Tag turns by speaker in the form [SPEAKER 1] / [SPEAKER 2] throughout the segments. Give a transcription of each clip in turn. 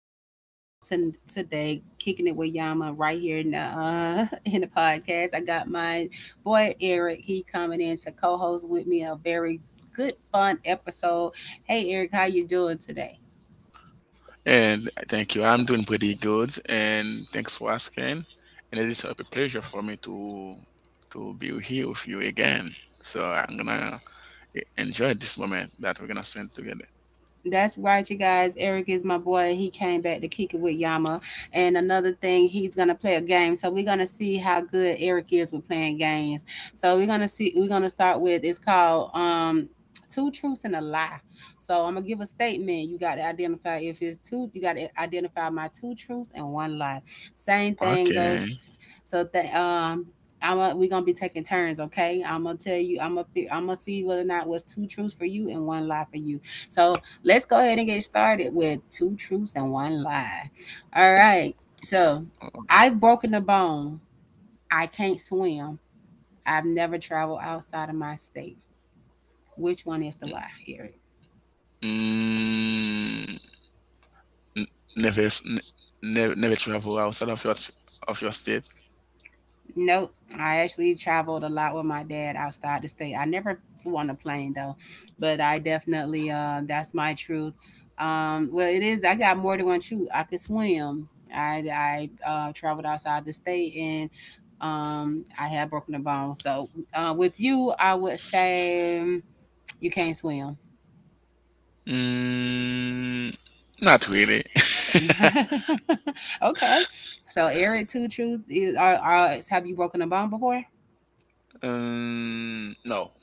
[SPEAKER 1] and I'm your host. And today, Kicking It With Yama, right here in the in the podcast. I got my boy Eric. He coming in to co-host with me a very good, fun episode. Hey, Eric, how you doing today?
[SPEAKER 2] And thank you. I'm doing pretty good, and thanks for asking. And it is a pleasure for me to be here with you again. So I'm gonna enjoy this moment that we're gonna spend together.
[SPEAKER 1] That's right, you guys. Eric is my boy, and he came back to kick it with Yama. And another thing, he's gonna play a game. So we're gonna see how good Eric is with playing games. So we're gonna see. We're gonna start with it's called two truths and a lie. So I'm gonna give a statement. You got to identify if it's two. You got to identify my two truths and one lie. Same thing goes,
[SPEAKER 2] Okay.
[SPEAKER 1] so that we gonna be taking turns, okay? I'm gonna tell you, I'm gonna see whether or not it was two truths for you and one lie for you. So let's go ahead and get started with two truths and one lie. All right. So I've broken a bone. I can't swim. I've never traveled outside of my state. Which one is the lie, Eric?
[SPEAKER 2] Mm, n- never, s- n- never, Never travel outside of your state.
[SPEAKER 1] Nope. I actually traveled a lot with my dad outside the state. I never flew on a plane though, but I definitely that's my truth. Well, it is, I got more than one truth. I could swim. I traveled outside the state, and I had broken a bone. So with you I would say, you can't swim.
[SPEAKER 2] Mm, Not really.
[SPEAKER 1] Okay. So Eric, two truths is, are have you broken a bone before?
[SPEAKER 2] No.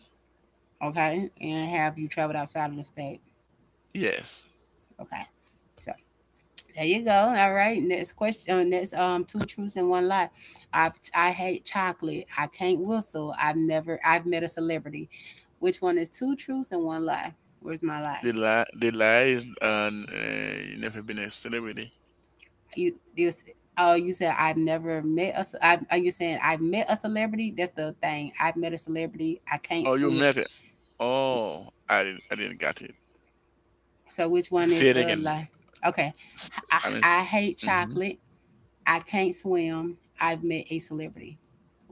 [SPEAKER 1] Okay. And have you traveled outside of the state?
[SPEAKER 2] Yes.
[SPEAKER 1] Okay. So there you go. All right. Next question. Next, two truths and one lie. I I hate chocolate. I can't whistle. I've never. I've met a celebrity. Which one is two truths and one lie? Where's my lie?
[SPEAKER 2] The lie is, you never been a celebrity.
[SPEAKER 1] You you. s- Oh, you said I've never met a. ce- I, are you saying I've met a celebrity? That's the thing. I've met a celebrity. I can't
[SPEAKER 2] Oh, you
[SPEAKER 1] swim.
[SPEAKER 2] met it. Oh, I didn't get it.
[SPEAKER 1] So which one is
[SPEAKER 2] Say it
[SPEAKER 1] the
[SPEAKER 2] again.
[SPEAKER 1] lie? Okay.
[SPEAKER 2] S-
[SPEAKER 1] I,
[SPEAKER 2] I mean,
[SPEAKER 1] I
[SPEAKER 2] s-
[SPEAKER 1] hate
[SPEAKER 2] mhm.
[SPEAKER 1] chocolate. I can't swim. I've met a celebrity.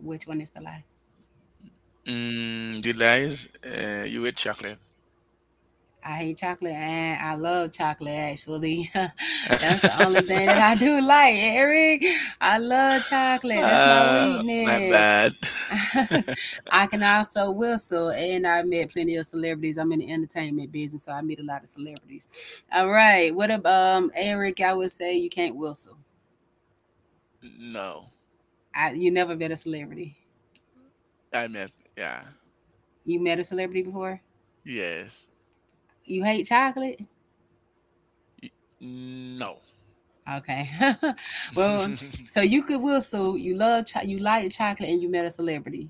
[SPEAKER 1] Which one is the lie?
[SPEAKER 2] Mm, the lie is, you ate chocolate.
[SPEAKER 1] I hate chocolate, and I love chocolate actually. That's the only thing that I do like, Eric. I love chocolate. That's my
[SPEAKER 2] My
[SPEAKER 1] weakness.
[SPEAKER 2] bad.
[SPEAKER 1] I can also whistle, and I met plenty of celebrities. I'm in the entertainment business, so I meet a lot of celebrities. All right. What about Eric, I would say you can't whistle.
[SPEAKER 2] No,
[SPEAKER 1] You never met a celebrity.
[SPEAKER 2] I meant, yeah,
[SPEAKER 1] You met a celebrity before?
[SPEAKER 2] yes.
[SPEAKER 1] You hate chocolate?
[SPEAKER 2] Y- no.
[SPEAKER 1] Okay. Well, so you could whistle, you you like chocolate and you met a celebrity.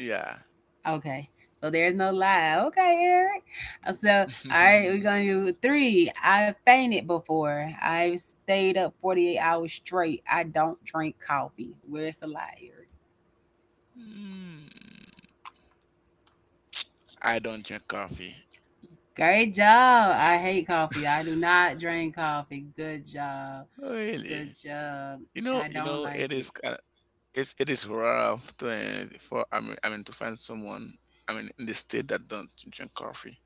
[SPEAKER 2] Yeah.
[SPEAKER 1] Okay. So there's no lie. Okay, Eric. So all right, we're gonna do three. I fainted before. I've stayed up 48 hours straight. I don't drink coffee. Where's the lie, Eric?
[SPEAKER 2] Mm, I don't drink coffee.
[SPEAKER 1] Great job. I hate coffee. I do not drink coffee. Good job. Good
[SPEAKER 2] Really?
[SPEAKER 1] job. I don't
[SPEAKER 2] It
[SPEAKER 1] like
[SPEAKER 2] is.
[SPEAKER 1] it.
[SPEAKER 2] It is rough to, for I mean, to find someone in the state that don't drink coffee.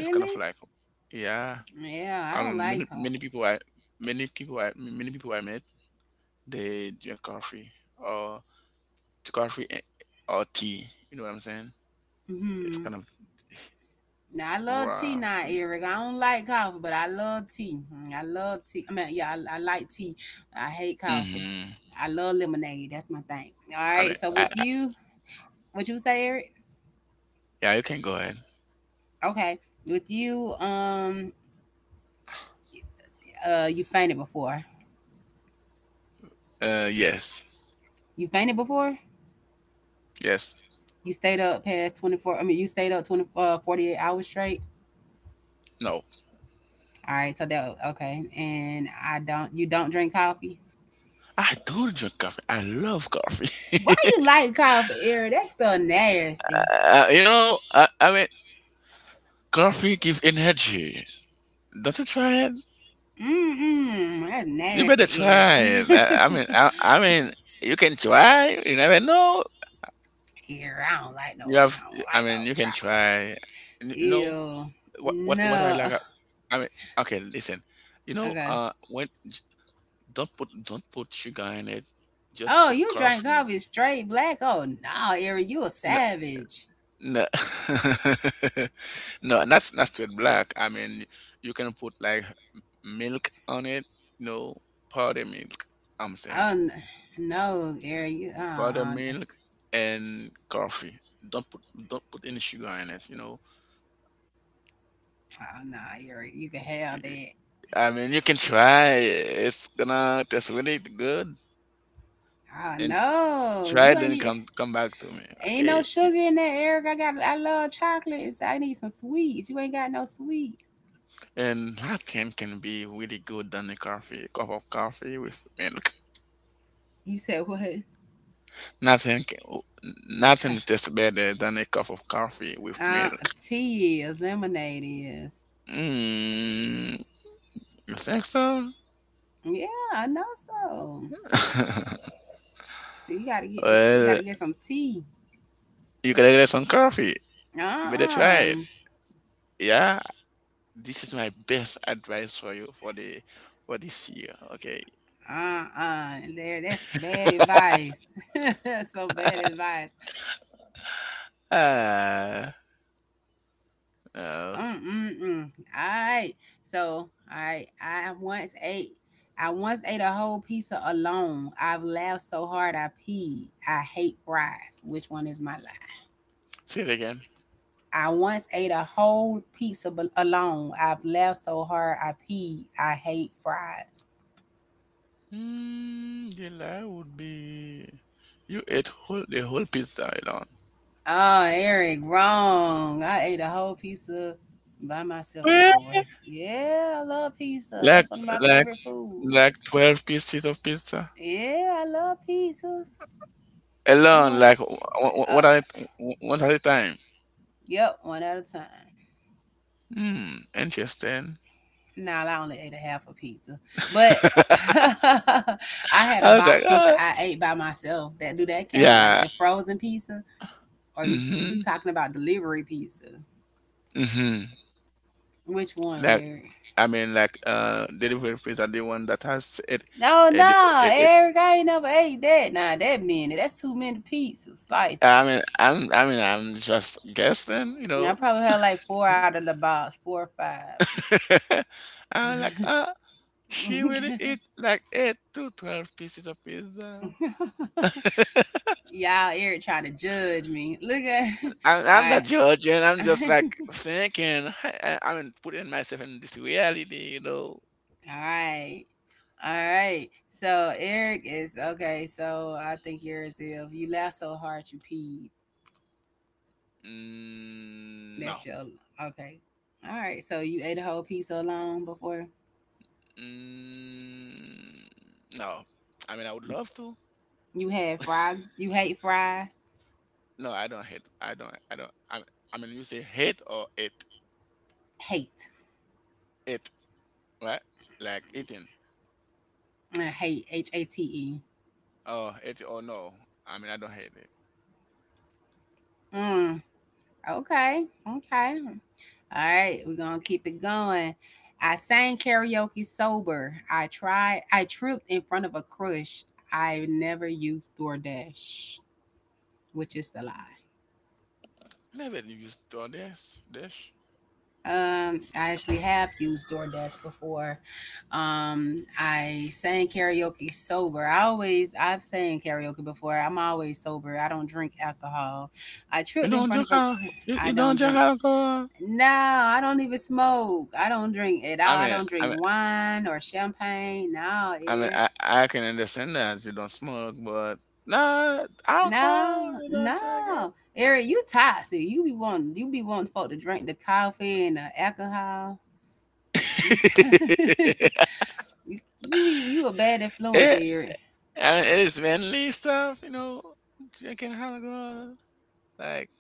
[SPEAKER 2] It's kind of like, yeah.
[SPEAKER 1] Yeah, I
[SPEAKER 2] I
[SPEAKER 1] don't
[SPEAKER 2] mean many,
[SPEAKER 1] like
[SPEAKER 2] many
[SPEAKER 1] coffee.
[SPEAKER 2] people I many people I many people I met, they drink coffee or to coffee and- tea. You know what I'm saying? It's
[SPEAKER 1] Mm-hmm.
[SPEAKER 2] kind of
[SPEAKER 1] Now I love tea
[SPEAKER 2] rough.
[SPEAKER 1] now, Eric. I don't like coffee, but I love tea. Mm, I love tea. I mean, yeah, I like tea. I hate coffee.
[SPEAKER 2] Mm-hmm.
[SPEAKER 1] I love lemonade. That's my thing. All
[SPEAKER 2] I mean
[SPEAKER 1] right. So with
[SPEAKER 2] I
[SPEAKER 1] you, what you say, Eric?
[SPEAKER 2] Yeah, you can go ahead.
[SPEAKER 1] Okay. With you, you fainted before.
[SPEAKER 2] Uh, yes,
[SPEAKER 1] You fainted before.
[SPEAKER 2] yes,
[SPEAKER 1] You stayed up past 24. I mean, you stayed up 20, 48 hours straight.
[SPEAKER 2] no,
[SPEAKER 1] All right. So that okay. And I don't. You don't drink coffee.
[SPEAKER 2] I do drink coffee. I love
[SPEAKER 1] Why
[SPEAKER 2] coffee.
[SPEAKER 1] you like coffee, Eric? That's so nasty.
[SPEAKER 2] You know, coffee give energy. Don't you try it?
[SPEAKER 1] Mm-mm, that's
[SPEAKER 2] You better
[SPEAKER 1] nasty, Eric.
[SPEAKER 2] try it.
[SPEAKER 1] Eric, I
[SPEAKER 2] You can try. You never know.
[SPEAKER 1] don't like no, I
[SPEAKER 2] You have.
[SPEAKER 1] don't
[SPEAKER 2] I
[SPEAKER 1] like no
[SPEAKER 2] mean, you can
[SPEAKER 1] trout.
[SPEAKER 2] try. You know
[SPEAKER 1] Ew,
[SPEAKER 2] what? What I
[SPEAKER 1] no.
[SPEAKER 2] like. I mean, okay, listen. You know,
[SPEAKER 1] Okay.
[SPEAKER 2] uh, when j- don't put sugar in it. Just
[SPEAKER 1] Oh,
[SPEAKER 2] put
[SPEAKER 1] you drank
[SPEAKER 2] coffee.
[SPEAKER 1] coffee straight black? Oh no, Eric, you a
[SPEAKER 2] No,
[SPEAKER 1] savage.
[SPEAKER 2] no, no. Not not straight black. I mean, you can put like milk on it. No, powder milk. I'm saying.
[SPEAKER 1] Oh n- no, Eric, you,
[SPEAKER 2] Powder milk and coffee. Don't put any sugar in it. You know,
[SPEAKER 1] oh no, Eric, you can have that.
[SPEAKER 2] I mean, you can try. It's gonna taste really good.
[SPEAKER 1] Oh
[SPEAKER 2] And
[SPEAKER 1] no,
[SPEAKER 2] try
[SPEAKER 1] you
[SPEAKER 2] it
[SPEAKER 1] ain't
[SPEAKER 2] and
[SPEAKER 1] even.
[SPEAKER 2] come back to me,
[SPEAKER 1] Ain't no
[SPEAKER 2] okay?
[SPEAKER 1] sugar in that, Eric. I got, I love chocolate, so I need some sweets. You ain't got no sweets.
[SPEAKER 2] And nothing can be really good than a coffee, a cup of coffee with milk.
[SPEAKER 1] You said what?
[SPEAKER 2] Nothing can, oh, Nothing tastes better than a cup of coffee with
[SPEAKER 1] Uh,
[SPEAKER 2] milk.
[SPEAKER 1] tea is lemonade is.
[SPEAKER 2] Mm, you think so?
[SPEAKER 1] Yeah, I know so. So you gotta you
[SPEAKER 2] Well,
[SPEAKER 1] gotta get some tea.
[SPEAKER 2] you gotta get some coffee. You better try it.
[SPEAKER 1] Uh-uh.
[SPEAKER 2] Yeah, this is my best advice for you for the for this year. Okay.
[SPEAKER 1] Uh. There, that's bad advice. So bad advice.
[SPEAKER 2] Uh, uh
[SPEAKER 1] Mm mm mm. All right. So I once ate a whole pizza alone. I've laughed so hard I peed. I hate fries. Which one is my life?
[SPEAKER 2] Say it again.
[SPEAKER 1] I once ate a whole alone. I've laughed so hard I peed. I hate fries.
[SPEAKER 2] Hmm, the lie would be you ate whole pizza alone.
[SPEAKER 1] Oh, Eric, wrong. I ate a whole pizza by myself
[SPEAKER 2] Well,
[SPEAKER 1] before. Yeah, I love pizza.
[SPEAKER 2] like
[SPEAKER 1] That's one of my
[SPEAKER 2] like
[SPEAKER 1] favorite foods.
[SPEAKER 2] 12 pieces of pizza
[SPEAKER 1] Yeah, I love pizzas. That's
[SPEAKER 2] alone.
[SPEAKER 1] one.
[SPEAKER 2] Like
[SPEAKER 1] Uh,
[SPEAKER 2] what what at a time.
[SPEAKER 1] yep, one at a time.
[SPEAKER 2] Hmm, interesting.
[SPEAKER 1] Nah, I only ate a half a pizza, but I had a
[SPEAKER 2] I was like,
[SPEAKER 1] box pizza
[SPEAKER 2] ah,
[SPEAKER 1] I ate by myself. That do, that count? Like
[SPEAKER 2] yeah.
[SPEAKER 1] the frozen pizza? Or you
[SPEAKER 2] Mm-hmm.
[SPEAKER 1] talking about delivery pizza?
[SPEAKER 2] Mm-hmm.
[SPEAKER 1] Which one, Eric?
[SPEAKER 2] like I mean, like delivery fees are the one that has
[SPEAKER 1] Oh no,
[SPEAKER 2] it
[SPEAKER 1] nah,
[SPEAKER 2] it.
[SPEAKER 1] Eric, I ain't never ate that. Nah, that many. That's too many pizza slices.
[SPEAKER 2] I'm just guessing, you
[SPEAKER 1] I
[SPEAKER 2] know.
[SPEAKER 1] probably had like four out of the box, four or five.
[SPEAKER 2] I'm like She really eat like 8 to 12 pieces of pizza.
[SPEAKER 1] Y'all, Eric trying to judge me. Look at
[SPEAKER 2] I'm,
[SPEAKER 1] all
[SPEAKER 2] I'm not judging. I'm just
[SPEAKER 1] right.
[SPEAKER 2] like thinking. Putting myself in this reality, you know.
[SPEAKER 1] All right. All right. So Eric is okay, so I think yours is if you laugh so hard you peed.
[SPEAKER 2] Mm,
[SPEAKER 1] That's
[SPEAKER 2] no.
[SPEAKER 1] your, okay. All right. So you ate a whole piece alone before?
[SPEAKER 2] Mm, no. I mean, I would love to.
[SPEAKER 1] You had fries. You hate fries.
[SPEAKER 2] No, I don't hate. I don't. I don't. I mean, you say hate or
[SPEAKER 1] Hate.
[SPEAKER 2] it, right? Like eating.
[SPEAKER 1] I hate. H A T E.
[SPEAKER 2] Oh, it or no. I mean, I don't hate it.
[SPEAKER 1] Mm. Okay. Okay. All right. We're gonna keep it going. I sang karaoke sober. I tried. I tripped in front of a crush. I never used DoorDash, which is the lie.
[SPEAKER 2] Never used to this. This.
[SPEAKER 1] I actually have used DoorDash before. I sang karaoke sober. I've sang karaoke before. I'm always sober. I don't drink alcohol. I
[SPEAKER 2] You
[SPEAKER 1] tripped in
[SPEAKER 2] don't
[SPEAKER 1] front of
[SPEAKER 2] drink
[SPEAKER 1] a.
[SPEAKER 2] alcohol.
[SPEAKER 1] cr-
[SPEAKER 2] You,
[SPEAKER 1] I
[SPEAKER 2] you
[SPEAKER 1] don't
[SPEAKER 2] don't drink
[SPEAKER 1] drink.
[SPEAKER 2] alcohol.
[SPEAKER 1] No, I don't even smoke. I don't drink at all.
[SPEAKER 2] I
[SPEAKER 1] I
[SPEAKER 2] mean,
[SPEAKER 1] don't drink
[SPEAKER 2] I mean,
[SPEAKER 1] wine or champagne. No, Eric.
[SPEAKER 2] I can understand that you don't smoke, but nah, alcohol,
[SPEAKER 1] No,
[SPEAKER 2] you don't drink
[SPEAKER 1] no, Eric, you toxic. You be wanting, you be wanting folk to drink the coffee and the alcohol. You
[SPEAKER 2] it.
[SPEAKER 1] You a bad influence,
[SPEAKER 2] it,
[SPEAKER 1] Eric.
[SPEAKER 2] it's manly stuff, you know, drinking alcohol. Like,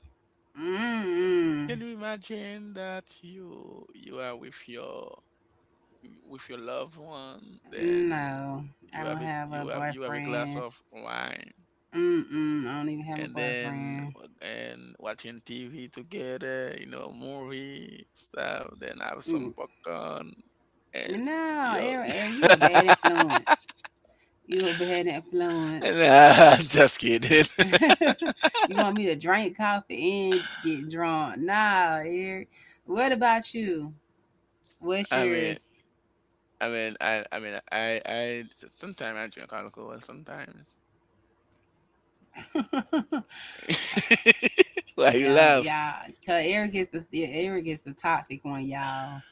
[SPEAKER 1] Mm-mm.
[SPEAKER 2] can you imagine that you are with your loved one, then
[SPEAKER 1] No, I
[SPEAKER 2] you have
[SPEAKER 1] don't
[SPEAKER 2] it
[SPEAKER 1] have a
[SPEAKER 2] you have a glass
[SPEAKER 1] boyfriend.
[SPEAKER 2] of wine
[SPEAKER 1] Mm-mm. I don't even have a
[SPEAKER 2] and then
[SPEAKER 1] boyfriend.
[SPEAKER 2] and watching TV together, you know, movie stuff, then have
[SPEAKER 1] Mm.
[SPEAKER 2] some popcorn and
[SPEAKER 1] No,
[SPEAKER 2] you
[SPEAKER 1] Eric, you a bad
[SPEAKER 2] and
[SPEAKER 1] influence. You a bad influence.
[SPEAKER 2] I'm just kidding.
[SPEAKER 1] You want me to drink coffee and get drunk? Nah, Eric. What about you? What's
[SPEAKER 2] I mean
[SPEAKER 1] yours?
[SPEAKER 2] I mean I mean I Sometimes I drink alcohol sometimes. Why you
[SPEAKER 1] Yeah,
[SPEAKER 2] laugh?
[SPEAKER 1] yeah. Cause Eric is the, yeah, Eric is the toxic one, y'all.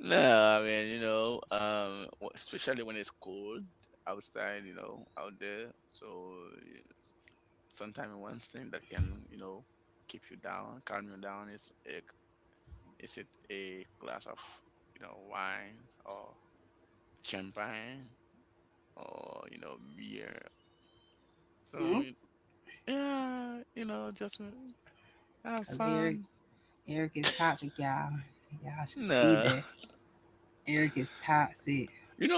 [SPEAKER 2] No, I mean, you know, especially when it's cold outside, you know, out there. So sometimes one thing that can, you know, keep you down, calm you down is a, is it a glass of, you know, wine or champagne or, you know, beer. So
[SPEAKER 1] Mm,
[SPEAKER 2] y- yeah, you know, just have
[SPEAKER 1] cause Eric
[SPEAKER 2] fun.
[SPEAKER 1] Eric is toxic, y'all. Y'all should see
[SPEAKER 2] No,
[SPEAKER 1] that. Eric is toxic.
[SPEAKER 2] you know,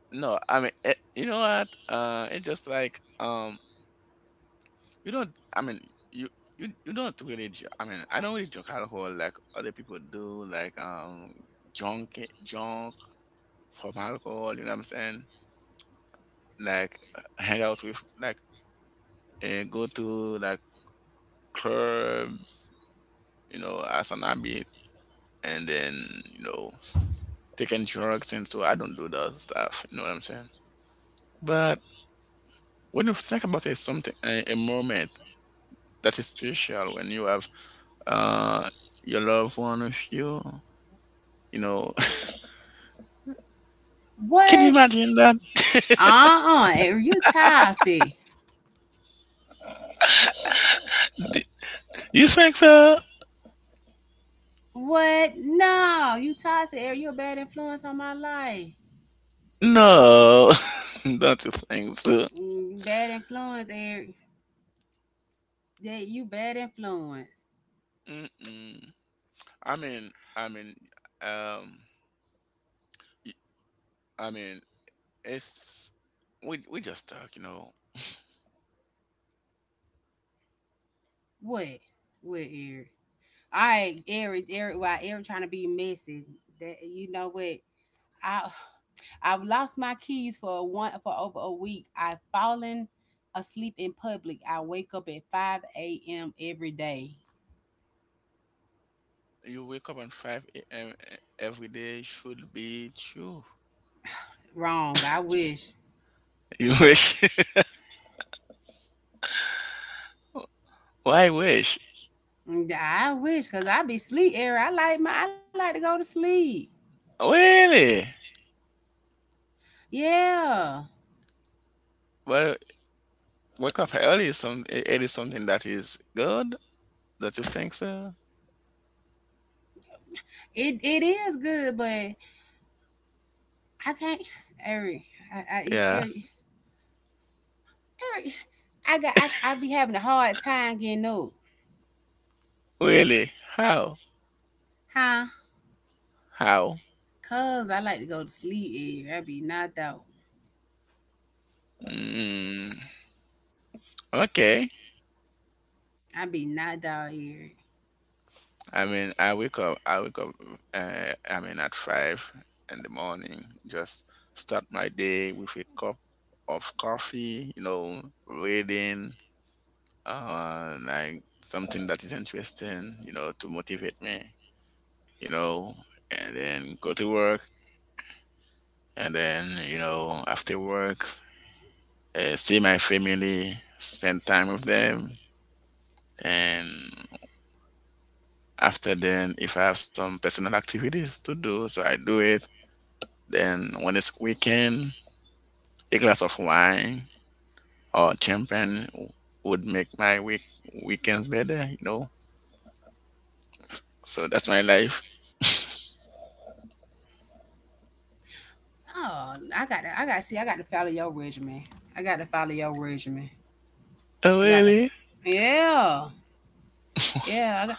[SPEAKER 2] no, I mean, you know what? It's just like, um, you don't. I mean, you you don't really. I mean, I don't really drink alcohol like other people do. Like junk junk from alcohol. You know what I'm saying? Like hang out with like go to like clubs, you know, as an habit, and then you know s- taking drugs and so, I don't do that stuff. You know what I'm saying? But when you think about it, something a moment that is special when you have uh your loved one with you, you know. Can you
[SPEAKER 1] What?
[SPEAKER 2] imagine that?
[SPEAKER 1] Uh-uh. Eric, you toxic.
[SPEAKER 2] You think so?
[SPEAKER 1] What? No, you toxic, Eric. You're a bad influence on my life.
[SPEAKER 2] No, don't you think so?
[SPEAKER 1] Mm, bad influence, Eric. That you bad influence.
[SPEAKER 2] Mm-mm. I mean, I mean, um, y- I mean, it's we just talk, you know.
[SPEAKER 1] What? What, Eric? All right, why Eric trying to be messy? That, you know what? I I've lost my keys for one for over a week. I've fallen asleep in public. I wake up at 5 a.m. every day.
[SPEAKER 2] You wake up at five a.m. Every day should be true.
[SPEAKER 1] Wrong. I wish.
[SPEAKER 2] You wish? Why wish?
[SPEAKER 1] Mm, I wish because I be sleep era. I like to go to sleep.
[SPEAKER 2] Really?
[SPEAKER 1] Yeah.
[SPEAKER 2] Well, wake up early is some it is something that is good. Don't you think so?
[SPEAKER 1] It is good, but I can't, Eric. I
[SPEAKER 2] Yeah.
[SPEAKER 1] Eric Eric I got I be having a hard time getting up.
[SPEAKER 2] Really? How?
[SPEAKER 1] Huh?
[SPEAKER 2] How?
[SPEAKER 1] Cause I like to go to sleep, Eric. I be knocked out.
[SPEAKER 2] Mm, okay.
[SPEAKER 1] I be knocked out, Eric.
[SPEAKER 2] I wake up, at 5 in the morning. Just start my day with a cup of coffee. You know, reading, like something that is interesting. You know, to motivate me. You know, and then go to work. And then, you know, after work, see my family, spend time with them, and after then, if I have some personal activities to do, so I do it. Then when it's weekend, a glass of wine or champagne would make my weekends better, you know. So that's my life.
[SPEAKER 1] Oh, I gotta see. I gotta follow your regimen. I gotta follow your regimen.
[SPEAKER 2] Oh,
[SPEAKER 1] I gotta,
[SPEAKER 2] really?
[SPEAKER 1] yeah, yeah. I, got,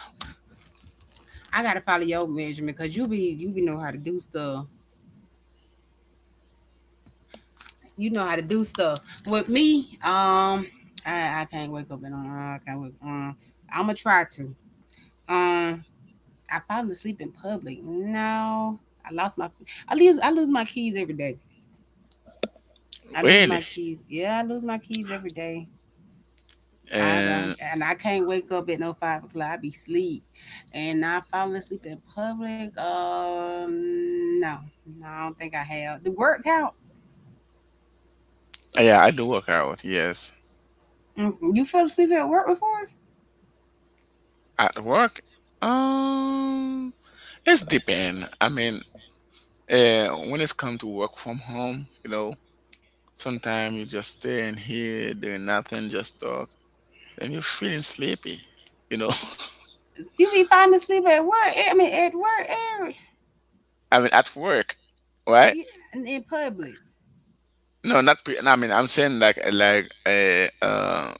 [SPEAKER 1] I gotta follow your regimen because you be know how to do stuff. You know how to do stuff. With me, I can't wake up and I can't wake. I'm gonna try to. Um, I fall asleep in public. No, I lost my. I lose. I lose my keys every day. I lose
[SPEAKER 2] Really?
[SPEAKER 1] my keys. Yeah, I lose my keys every day.
[SPEAKER 2] And
[SPEAKER 1] I can't wake up at no 5 o'clock. I be sleep, and I falling asleep in public. No, no, I don't think I have the work out.
[SPEAKER 2] yeah, I do work out. Yes,
[SPEAKER 1] Mm, you fell asleep at work before?
[SPEAKER 2] at work, um, it's depend. I mean, when it's come to work from home, you know, sometimes you just stay in here doing nothing, just talk, then you're feeling sleepy. You know.
[SPEAKER 1] You be falling asleep at work? I mean, at work, every
[SPEAKER 2] I mean, at work, right?
[SPEAKER 1] yeah, and in public.
[SPEAKER 2] No, not pre. No, I mean, I'm saying like like uh, uh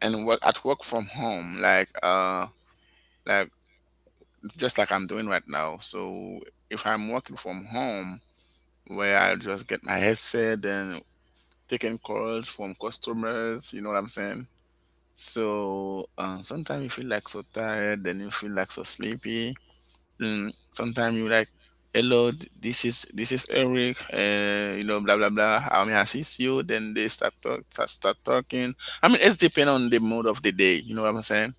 [SPEAKER 2] and work at work from home, like just like I'm doing right now. So if I'm working from home, where I just get my headset and taking calls from customers, you know what I'm saying? So sometimes you feel like so tired, then you feel like so sleepy. Mm, sometimes you like, hello, this is Eric, you know, blah blah blah, how may I assist you? Then they start start talking. I mean, it's depend on the mood of the day. You know what I'm saying?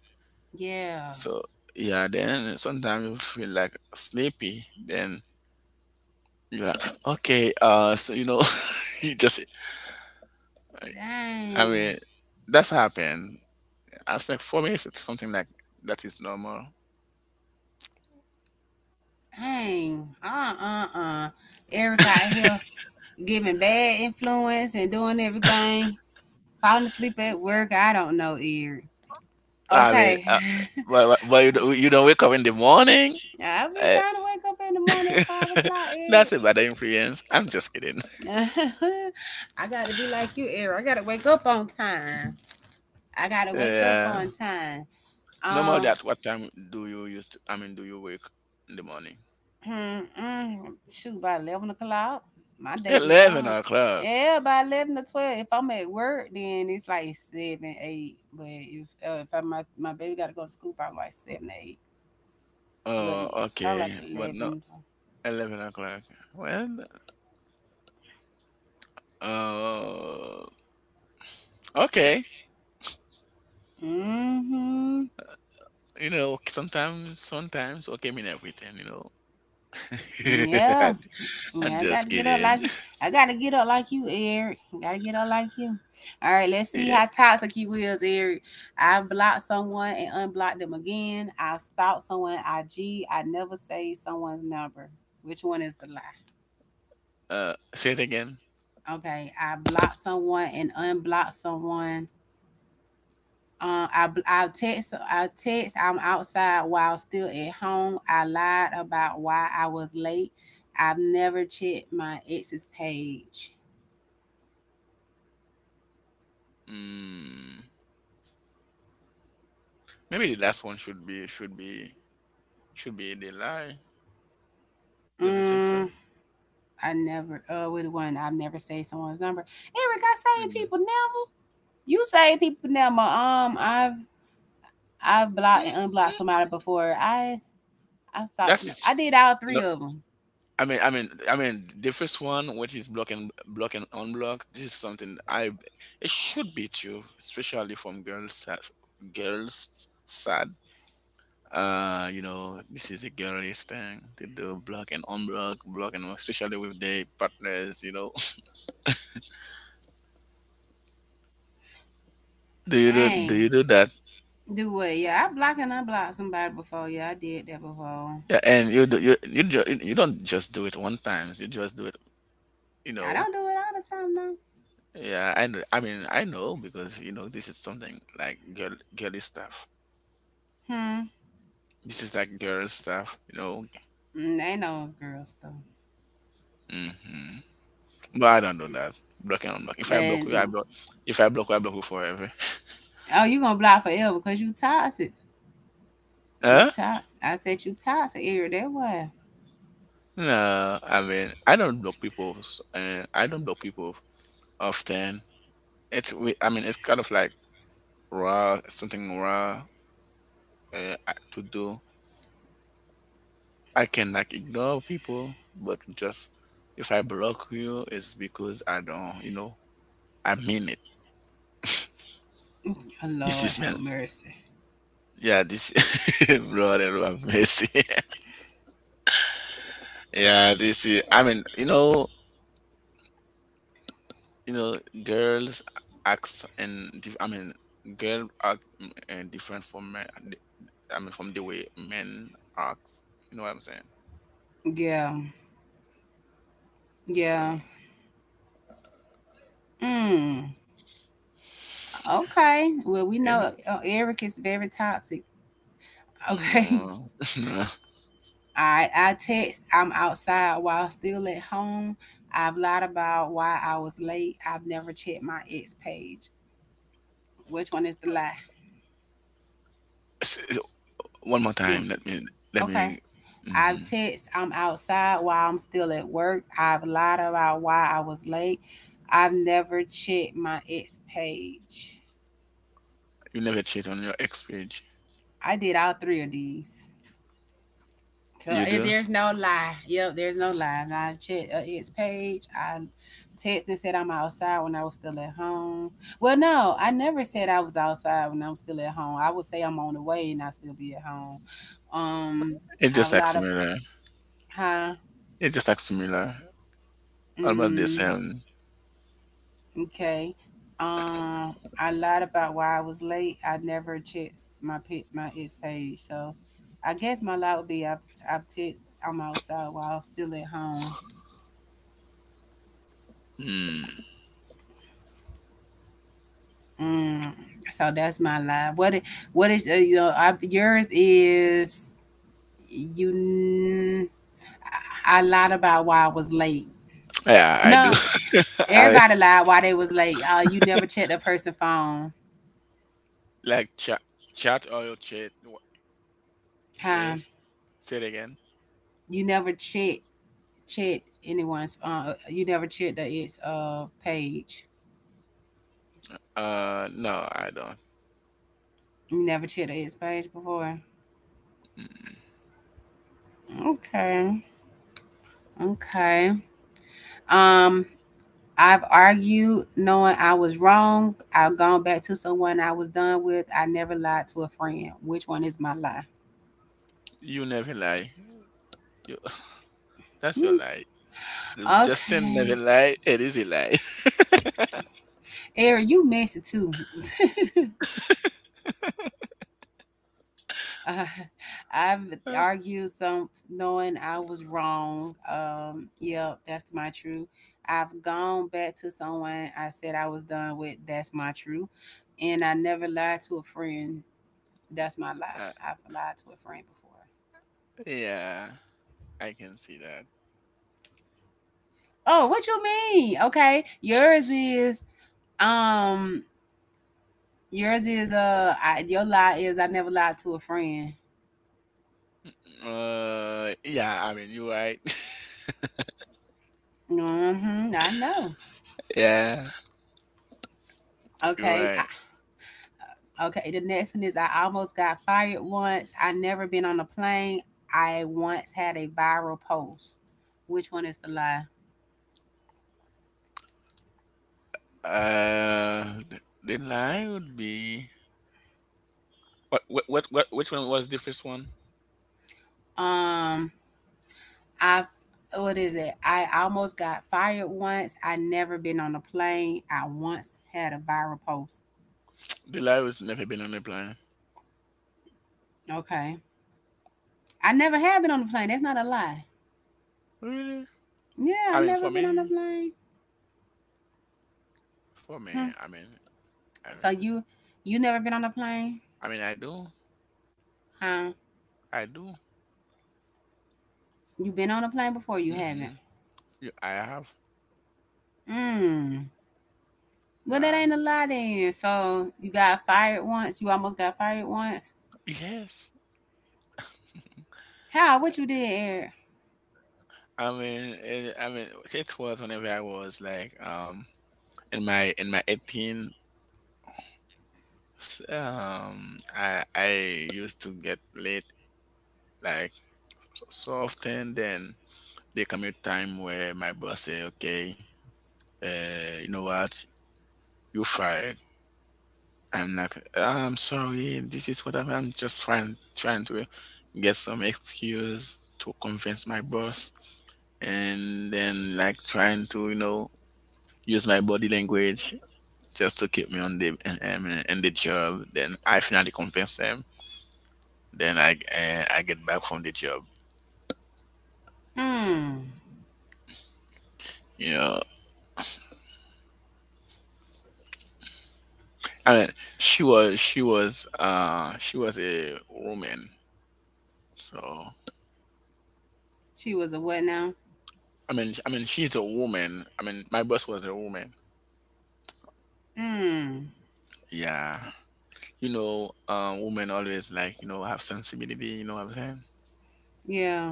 [SPEAKER 1] Yeah,
[SPEAKER 2] So yeah, then sometimes you feel like sleepy. Then you're like, okay, so you know, you just, I
[SPEAKER 1] dang,
[SPEAKER 2] mean, that's happened. I think for me, it's something like that is normal.
[SPEAKER 1] dang, Eric out here giving bad influence and doing everything. Falling asleep at work. I don't know, Eric.
[SPEAKER 2] I mean,
[SPEAKER 1] Okay.
[SPEAKER 2] uh, but, but you don't wake up in the morning.
[SPEAKER 1] I be
[SPEAKER 2] Eh,
[SPEAKER 1] trying to wake up in the morning at 5 o'clock,
[SPEAKER 2] that's a
[SPEAKER 1] Eric.
[SPEAKER 2] bad influence. I'm just kidding.
[SPEAKER 1] I gotta be like you, Eric. I gotta wake up on time. I gotta wake up
[SPEAKER 2] Yeah.
[SPEAKER 1] on time.
[SPEAKER 2] Normal
[SPEAKER 1] Um,
[SPEAKER 2] that what time do you use to, I mean, do you wake in the morning?
[SPEAKER 1] mm, mm, shoot, by 11 o'clock, my day be
[SPEAKER 2] Eleven
[SPEAKER 1] gone.
[SPEAKER 2] o'clock.
[SPEAKER 1] Yeah, by 11 or 12. If I'm at work, then it's like seven, eight. But if my my baby gotta go to school, probably like seven, eight. But
[SPEAKER 2] Oh,
[SPEAKER 1] yeah, probably
[SPEAKER 2] okay.
[SPEAKER 1] like
[SPEAKER 2] But no,
[SPEAKER 1] 11.
[SPEAKER 2] 11 o'clock. Well, uh, okay.
[SPEAKER 1] Mm-hmm.
[SPEAKER 2] You know, sometimes okay mean everything, you know.
[SPEAKER 1] Yeah.
[SPEAKER 2] I'm
[SPEAKER 1] Yeah,
[SPEAKER 2] just kidding.
[SPEAKER 1] I gotta get up like you, Eric. Gotta get up like you. All right, let's
[SPEAKER 2] Yeah.
[SPEAKER 1] see how toxic you is, Eric. I blocked someone and unblocked them again. I stalked someone I g. I never say someone's number. Which one is the lie?
[SPEAKER 2] Say it again.
[SPEAKER 1] Okay, I blocked someone and unblocked someone. I text I'm outside while still at home. I lied about why I was late. I've never checked my ex's page.
[SPEAKER 2] Mm, maybe the last one should be the lie. Don't you think so?
[SPEAKER 1] Mm, I never with one. I've never saved someone's number. Eric, I save
[SPEAKER 2] Mm.
[SPEAKER 1] people number. You save people number. I've blocked
[SPEAKER 2] Mm,
[SPEAKER 1] and unblocked
[SPEAKER 2] mm.
[SPEAKER 1] somebody before. I stalked some.
[SPEAKER 2] That's
[SPEAKER 1] I did all
[SPEAKER 2] No,
[SPEAKER 1] three of them.
[SPEAKER 2] I mean, the first one, which is block and unblock. This is something I. It should be true, especially from girls. Girls sad. You know, this is a girlish thing. They do block and unblock, especially with their partners. You know, do
[SPEAKER 1] Dang.
[SPEAKER 2] you do that?
[SPEAKER 1] Do what? Yeah, I blocked and unblocked somebody before. Yeah, I did that before.
[SPEAKER 2] Yeah, and you do, you you don't just do it one time. You just do it. You
[SPEAKER 1] I
[SPEAKER 2] know.
[SPEAKER 1] don't do it all
[SPEAKER 2] Yeah, I know. I mean, I know, because you know this is something like girly stuff.
[SPEAKER 1] the time though. Hmm.
[SPEAKER 2] This is like girl stuff, you know.
[SPEAKER 1] Mm, ain't no girl stuff.
[SPEAKER 2] Hmm. But I don't know that block and unblock. If I block
[SPEAKER 1] And,
[SPEAKER 2] you, I block. If I block you, I block you forever.
[SPEAKER 1] oh, you gonna block forever because you toxic. You
[SPEAKER 2] Huh?
[SPEAKER 1] toxic. I said you toxic, Eric. That why.
[SPEAKER 2] No, I mean, I don't block people. I don't block people often. I mean, it's kind of like raw, something raw to do. I can like ignore people, but just if I block you, it's because I don't, you know. I mean it.
[SPEAKER 1] Oh,
[SPEAKER 2] This
[SPEAKER 1] Lord
[SPEAKER 2] is
[SPEAKER 1] have
[SPEAKER 2] man.
[SPEAKER 1] mercy.
[SPEAKER 2] Yeah, this brother I'm yeah, this is. I mean, you know, girls acts and dif- I mean, girl act, mm, and different from men. I mean, from the way men act. You know what I'm saying?
[SPEAKER 1] Yeah.
[SPEAKER 2] So
[SPEAKER 1] Yeah. Mm. Okay. Well, we
[SPEAKER 2] and
[SPEAKER 1] know Eric is very toxic. Okay.
[SPEAKER 2] no, no.
[SPEAKER 1] I text. I'm outside while still at home. I've lied about why I was late. I've never checked my ex page. Which one is the lie?
[SPEAKER 2] S- One more
[SPEAKER 1] Mm.
[SPEAKER 2] time. Let me. Let
[SPEAKER 1] Okay.
[SPEAKER 2] me.
[SPEAKER 1] I've
[SPEAKER 2] hmm
[SPEAKER 1] text. I'm outside while I'm still at work. I've lied about why I was late. I've never checked my ex page.
[SPEAKER 2] You never cheat on your ex page.
[SPEAKER 1] I did all three of these. So
[SPEAKER 2] You do.
[SPEAKER 1] there's no lie. Yep, there's no lie. And I checked its page. I texted and said I'm outside when I was still at home. Well, no, I never said I was outside when I'm still at home. I would say I'm on the way and I still be at home. Um,
[SPEAKER 2] It's
[SPEAKER 1] I have a
[SPEAKER 2] just like
[SPEAKER 1] lot of
[SPEAKER 2] similar.
[SPEAKER 1] huh.
[SPEAKER 2] It's just like similar. Almost the
[SPEAKER 1] Mm,
[SPEAKER 2] same.
[SPEAKER 1] okay. Um, I lied about why I was late. I never checked my its page. So I guess my lie would be I've texted I'm outside while I'm still at home.
[SPEAKER 2] Hmm.
[SPEAKER 1] Mm, so that's my lie. What is yours is you n- I lied about why I was late.
[SPEAKER 2] Yeah, I
[SPEAKER 1] No,
[SPEAKER 2] do. I
[SPEAKER 1] everybody lied why they was late. You never checked a person's phone.
[SPEAKER 2] like chat, chat oil chat.
[SPEAKER 1] Huh?
[SPEAKER 2] Chase. Say it again.
[SPEAKER 1] You never check anyone's you never checked the its page.
[SPEAKER 2] No, I don't.
[SPEAKER 1] You never checked the its page before.
[SPEAKER 2] Mm,
[SPEAKER 1] Okay. Okay. Um I've argued knowing I was wrong. I've gone back to someone I was done with. I never lied to a friend. Which one is my lie?
[SPEAKER 2] You never lie. You, that's your
[SPEAKER 1] Hmm.
[SPEAKER 2] lie. Justin never
[SPEAKER 1] Okay.
[SPEAKER 2] lie. It is a lie.
[SPEAKER 1] Eric, you messy too. uh, I've argued some knowing I was wrong. Yep, that's my truth. I've gone back to someone I said I was done with. That's my truth. And I never lied to a friend. That's my lie.
[SPEAKER 2] Uh,
[SPEAKER 1] I've lied to a friend before.
[SPEAKER 2] yeah, I can see that.
[SPEAKER 1] Oh, what you mean? Okay, um, your lie is I never lied to a friend.
[SPEAKER 2] Yeah, I mean, you're right.
[SPEAKER 1] Mm-hmm. I know.
[SPEAKER 2] Yeah, you're
[SPEAKER 1] Okay,
[SPEAKER 2] right.
[SPEAKER 1] okay. The next one is I almost got fired once. I never been on a plane. I once had a viral post. Which one is the lie?
[SPEAKER 2] The lie would be which one was the first one?
[SPEAKER 1] Um, I what is it? I almost got fired once. I never been on a plane. I once had a viral post.
[SPEAKER 2] The lie was never been on the planet.
[SPEAKER 1] Okay. I never have been on a plane. That's not a lie.
[SPEAKER 2] Really?
[SPEAKER 1] Yeah, I
[SPEAKER 2] I mean,
[SPEAKER 1] never
[SPEAKER 2] for
[SPEAKER 1] been on a
[SPEAKER 2] me,
[SPEAKER 1] plane.
[SPEAKER 2] for me,
[SPEAKER 1] Hmm.
[SPEAKER 2] I mean, I
[SPEAKER 1] So
[SPEAKER 2] mean,
[SPEAKER 1] you never been on a plane?
[SPEAKER 2] I do,
[SPEAKER 1] Huh?
[SPEAKER 2] I do.
[SPEAKER 1] You been on a plane before? You
[SPEAKER 2] Mm-hmm.
[SPEAKER 1] haven't.
[SPEAKER 2] I have,
[SPEAKER 1] Mm. Well, that
[SPEAKER 2] yeah,
[SPEAKER 1] ain't a lie then. So you got fired once. You almost got fired once.
[SPEAKER 2] yes.
[SPEAKER 1] How? What you did, Eric?
[SPEAKER 2] I mean, it, I mean, it was whenever I was like, in my 18, I used to get late like so, so often. Then there come a time where my boss say, "Okay, you know what, you fired." I'm like, "I'm sorry. This is what I'm just trying to get some excuse to convince my boss," and then, like, trying to, you know, use my body language just to keep me on the in the job. Then I finally convince them. Then I get back from the job.
[SPEAKER 1] Mm.
[SPEAKER 2] You know, I mean, she was a woman, so
[SPEAKER 1] She was a what now?
[SPEAKER 2] I mean she's a woman. I mean my boss was a woman.
[SPEAKER 1] Mm.
[SPEAKER 2] Yeah. You know, women always, like, you know, have sensibility. You know what I'm
[SPEAKER 1] Yeah.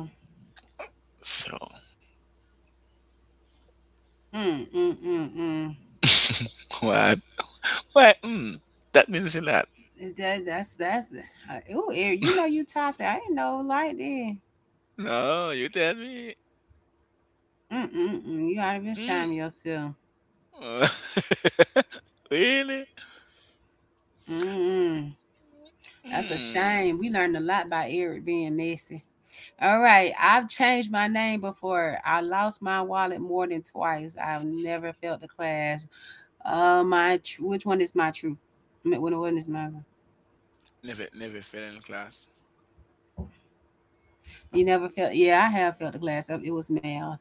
[SPEAKER 1] Mm. Mm. Mm. Mm.
[SPEAKER 2] saying? So, what? Why? That means a lot.
[SPEAKER 1] That's. Ooh, Eric. You know you toxic. I didn't know like that.
[SPEAKER 2] No, you tell me.
[SPEAKER 1] Mm. Mm. Mm. You ought to be
[SPEAKER 2] Mm.
[SPEAKER 1] ashamed of yourself.
[SPEAKER 2] Really?
[SPEAKER 1] Mm. That's a
[SPEAKER 2] Mm.
[SPEAKER 1] shame. We learned a lot by Eric being messy. All right. I've changed my name before. I lost my wallet more than twice. I've never failed the class. Which one is my truth? Which one is my?
[SPEAKER 2] Never fail in class.
[SPEAKER 1] You never failed. Yeah, I have failed the class. It was math.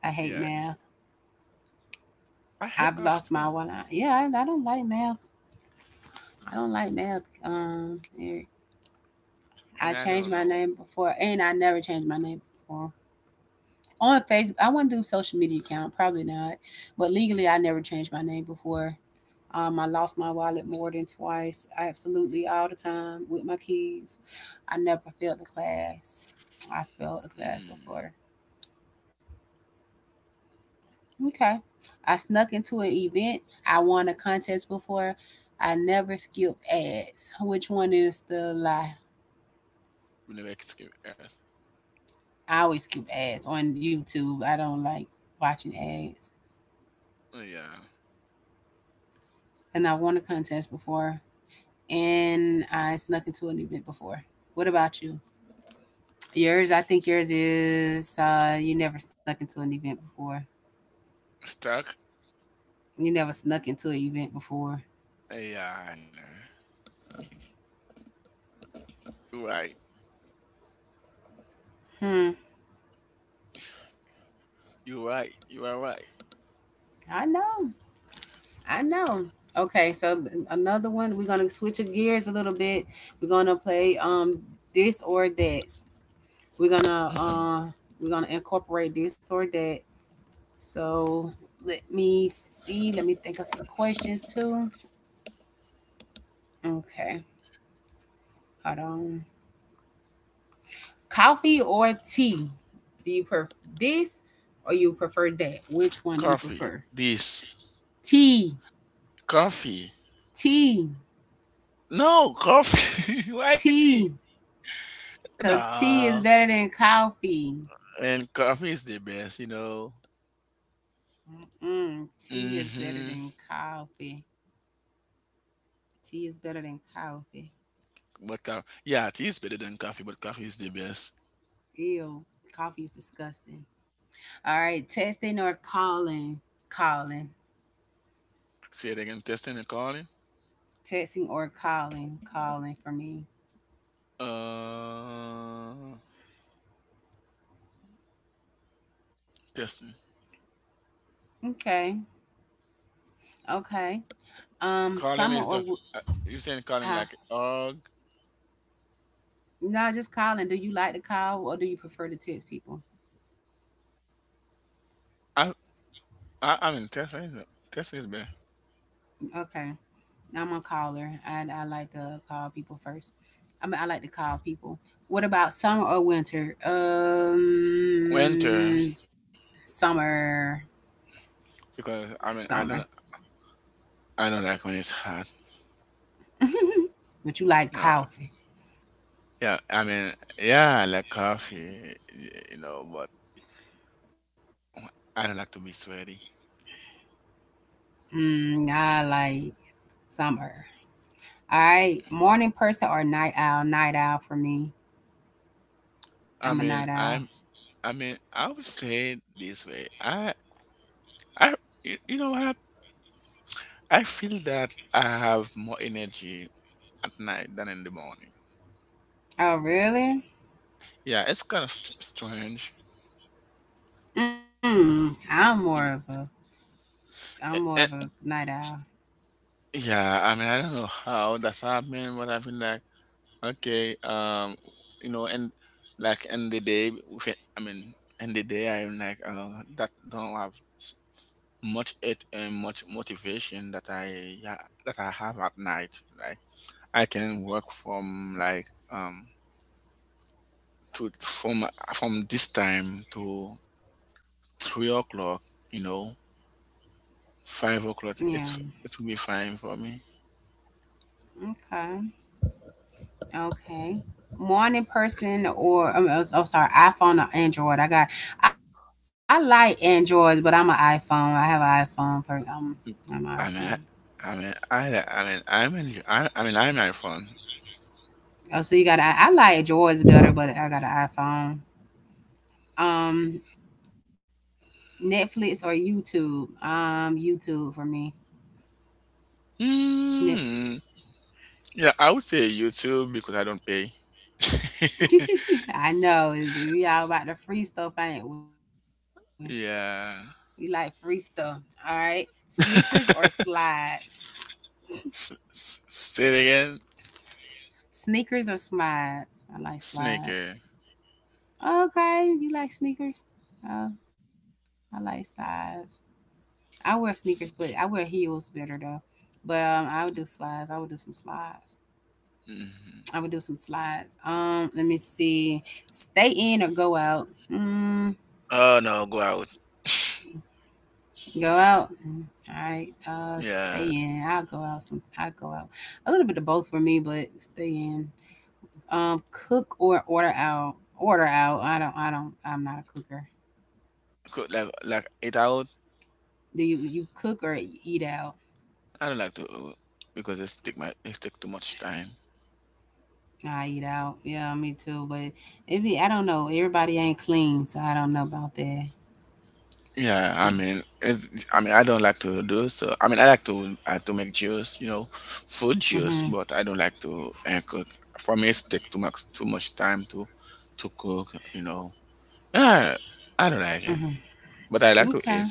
[SPEAKER 1] I hate
[SPEAKER 2] Yeah, this
[SPEAKER 1] math.
[SPEAKER 2] is. I hate
[SPEAKER 1] I've
[SPEAKER 2] math
[SPEAKER 1] lost my
[SPEAKER 2] too,
[SPEAKER 1] wallet. Yeah, I don't like math. I don't like math. Eric.
[SPEAKER 2] and
[SPEAKER 1] I
[SPEAKER 2] I
[SPEAKER 1] changed
[SPEAKER 2] don't
[SPEAKER 1] my
[SPEAKER 2] know.
[SPEAKER 1] name before, and I never changed my name before on Facebook. I want to do social media account, probably not. But legally, I never changed my name before. I lost my wallet more than twice. I absolutely all the time with my keys. I never failed the class. I failed the class
[SPEAKER 2] Mm.
[SPEAKER 1] before. Okay. I snuck into an event. I won a contest before. I never skip ads. Which one is the lie?
[SPEAKER 2] We never escape Earth.
[SPEAKER 1] I always skip ads on YouTube. I don't like watching ads.
[SPEAKER 2] Oh, yeah,
[SPEAKER 1] And I won a contest before, and I snuck into an event before. What about you? Yours, I think yours is you never snuck into an event before.
[SPEAKER 2] stuck.
[SPEAKER 1] You never snuck into an event before.
[SPEAKER 2] Oh, yeah, I know. You're right.
[SPEAKER 1] Hmm.
[SPEAKER 2] You're right. You are right.
[SPEAKER 1] I know. I know. Okay, another one. We're gonna switch your gears a little bit. We're gonna play this or that. We're gonna
[SPEAKER 2] Hmm.
[SPEAKER 1] uh we're gonna incorporate this or that. So let me see. Let me think of some questions too. Okay, hold on. Coffee or tea? Do you prefer this or you prefer that? Which one do you
[SPEAKER 2] Coffee.
[SPEAKER 1] prefer?
[SPEAKER 2] This
[SPEAKER 1] Tea,
[SPEAKER 2] coffee.
[SPEAKER 1] tea,
[SPEAKER 2] No, coffee, white tea.
[SPEAKER 1] tea. Cause tea
[SPEAKER 2] Nah,
[SPEAKER 1] is better than coffee.
[SPEAKER 2] and coffee is the best, you know.
[SPEAKER 1] Mm-mm. Tea is better
[SPEAKER 2] hmm
[SPEAKER 1] than coffee. Tea is better than coffee.
[SPEAKER 2] Yeah, tea is better than coffee, but coffee is the best.
[SPEAKER 1] Ew, coffee is disgusting. All right, texting or calling? Calling.
[SPEAKER 2] Say it again, testing and calling.
[SPEAKER 1] Texting or calling? Calling for me.
[SPEAKER 2] Uh, Testing.
[SPEAKER 1] Okay, okay.
[SPEAKER 2] Calling
[SPEAKER 1] Summer
[SPEAKER 2] is
[SPEAKER 1] or
[SPEAKER 2] just,
[SPEAKER 1] wi-
[SPEAKER 2] you saying calling
[SPEAKER 1] huh?
[SPEAKER 2] like org.
[SPEAKER 1] No, just calling. Do you like to call or do you prefer to text people?
[SPEAKER 2] I I mean testing. Testing is better.
[SPEAKER 1] Okay. I'm a caller. I like to call people first. I mean, I like to call people. What about summer or winter?
[SPEAKER 2] Winter
[SPEAKER 1] Summer.
[SPEAKER 2] because I mean
[SPEAKER 1] Summer.
[SPEAKER 2] I don't like when it's hot.
[SPEAKER 1] But you like
[SPEAKER 2] No.
[SPEAKER 1] coffee.
[SPEAKER 2] Yeah, I mean, yeah, I like coffee, you know, but I don't like to be sweaty.
[SPEAKER 1] I like summer. All right. Morning person or night owl? Night owl for me.
[SPEAKER 2] I
[SPEAKER 1] I'm
[SPEAKER 2] mean,
[SPEAKER 1] a night
[SPEAKER 2] I'm.
[SPEAKER 1] owl.
[SPEAKER 2] I mean, I would say it this way. I, you know what? I feel that I have more energy at night than in the morning.
[SPEAKER 1] Oh, really?
[SPEAKER 2] Yeah, it's kind of strange.
[SPEAKER 1] Mm, I'm more
[SPEAKER 2] Y-
[SPEAKER 1] of a
[SPEAKER 2] eh,
[SPEAKER 1] I'm
[SPEAKER 2] eh,
[SPEAKER 1] more of a night owl.
[SPEAKER 2] Yeah, I mean, I don't know how that's happening, but I feel like, okay, you know. And like in the day, I mean, in the day, I'm like, that don't have s- much it and much motivation that I yeah that I have at night. Like, I can work from like, um to from this time to 3 o'clock, you know, five
[SPEAKER 1] Yeah.
[SPEAKER 2] o'clock. It will be fine for me.
[SPEAKER 1] Okay. Okay. Morning person or sorry, iPhone or Android. I like Androids, but I'm an iPhone. I have an iPhone. I'm an iPhone.
[SPEAKER 2] I mean, I mean, I mean, I'm in, I mean, I'm iPhone.
[SPEAKER 1] Oh, so I like Androids better, but I got an iPhone. Netflix or YouTube. YouTube for me. Net-
[SPEAKER 2] Mm, yeah, I would say YouTube because I don't pay.
[SPEAKER 1] I know is we all about the free stuff, ain't we? We like
[SPEAKER 2] Yeah.
[SPEAKER 1] free stuff. All right. Sneakers or slides.
[SPEAKER 2] Say it again.
[SPEAKER 1] Sneakers or slides? I like slides.
[SPEAKER 2] Sneaker.
[SPEAKER 1] Okay, you like sneakers? Uh, I like slides. I wear sneakers, but I wear heels better though. But I would do slides. I would do some slides.
[SPEAKER 2] hmm
[SPEAKER 1] I would do some slides. Let me see. Stay in or go out? Mm,
[SPEAKER 2] Oh no, go out.
[SPEAKER 1] go out. All right. Stay
[SPEAKER 2] Yeah,
[SPEAKER 1] in. I'll go out. Some. I'll go out. A little bit of both for me, but stay in. Um, cook or order out. Order out. I don't. I don't. I'm not a cooker.
[SPEAKER 2] Like it out.
[SPEAKER 1] Do you? You cook or eat out?
[SPEAKER 2] I don't like to because it take too much time.
[SPEAKER 1] I eat out. Yeah, me too. But if you, I don't know, everybody ain't clean, so I don't know about that.
[SPEAKER 2] Yeah, I mean it's I mean I don't like to do so. I mean I like to, I to make juice, you know, food juice,
[SPEAKER 1] Mhm.
[SPEAKER 2] but I don't like to, cook. For me, it take too much time to cook, you know. Yeah, I don't like it,
[SPEAKER 1] Mhm.
[SPEAKER 2] but I like to eat,
[SPEAKER 1] Okay.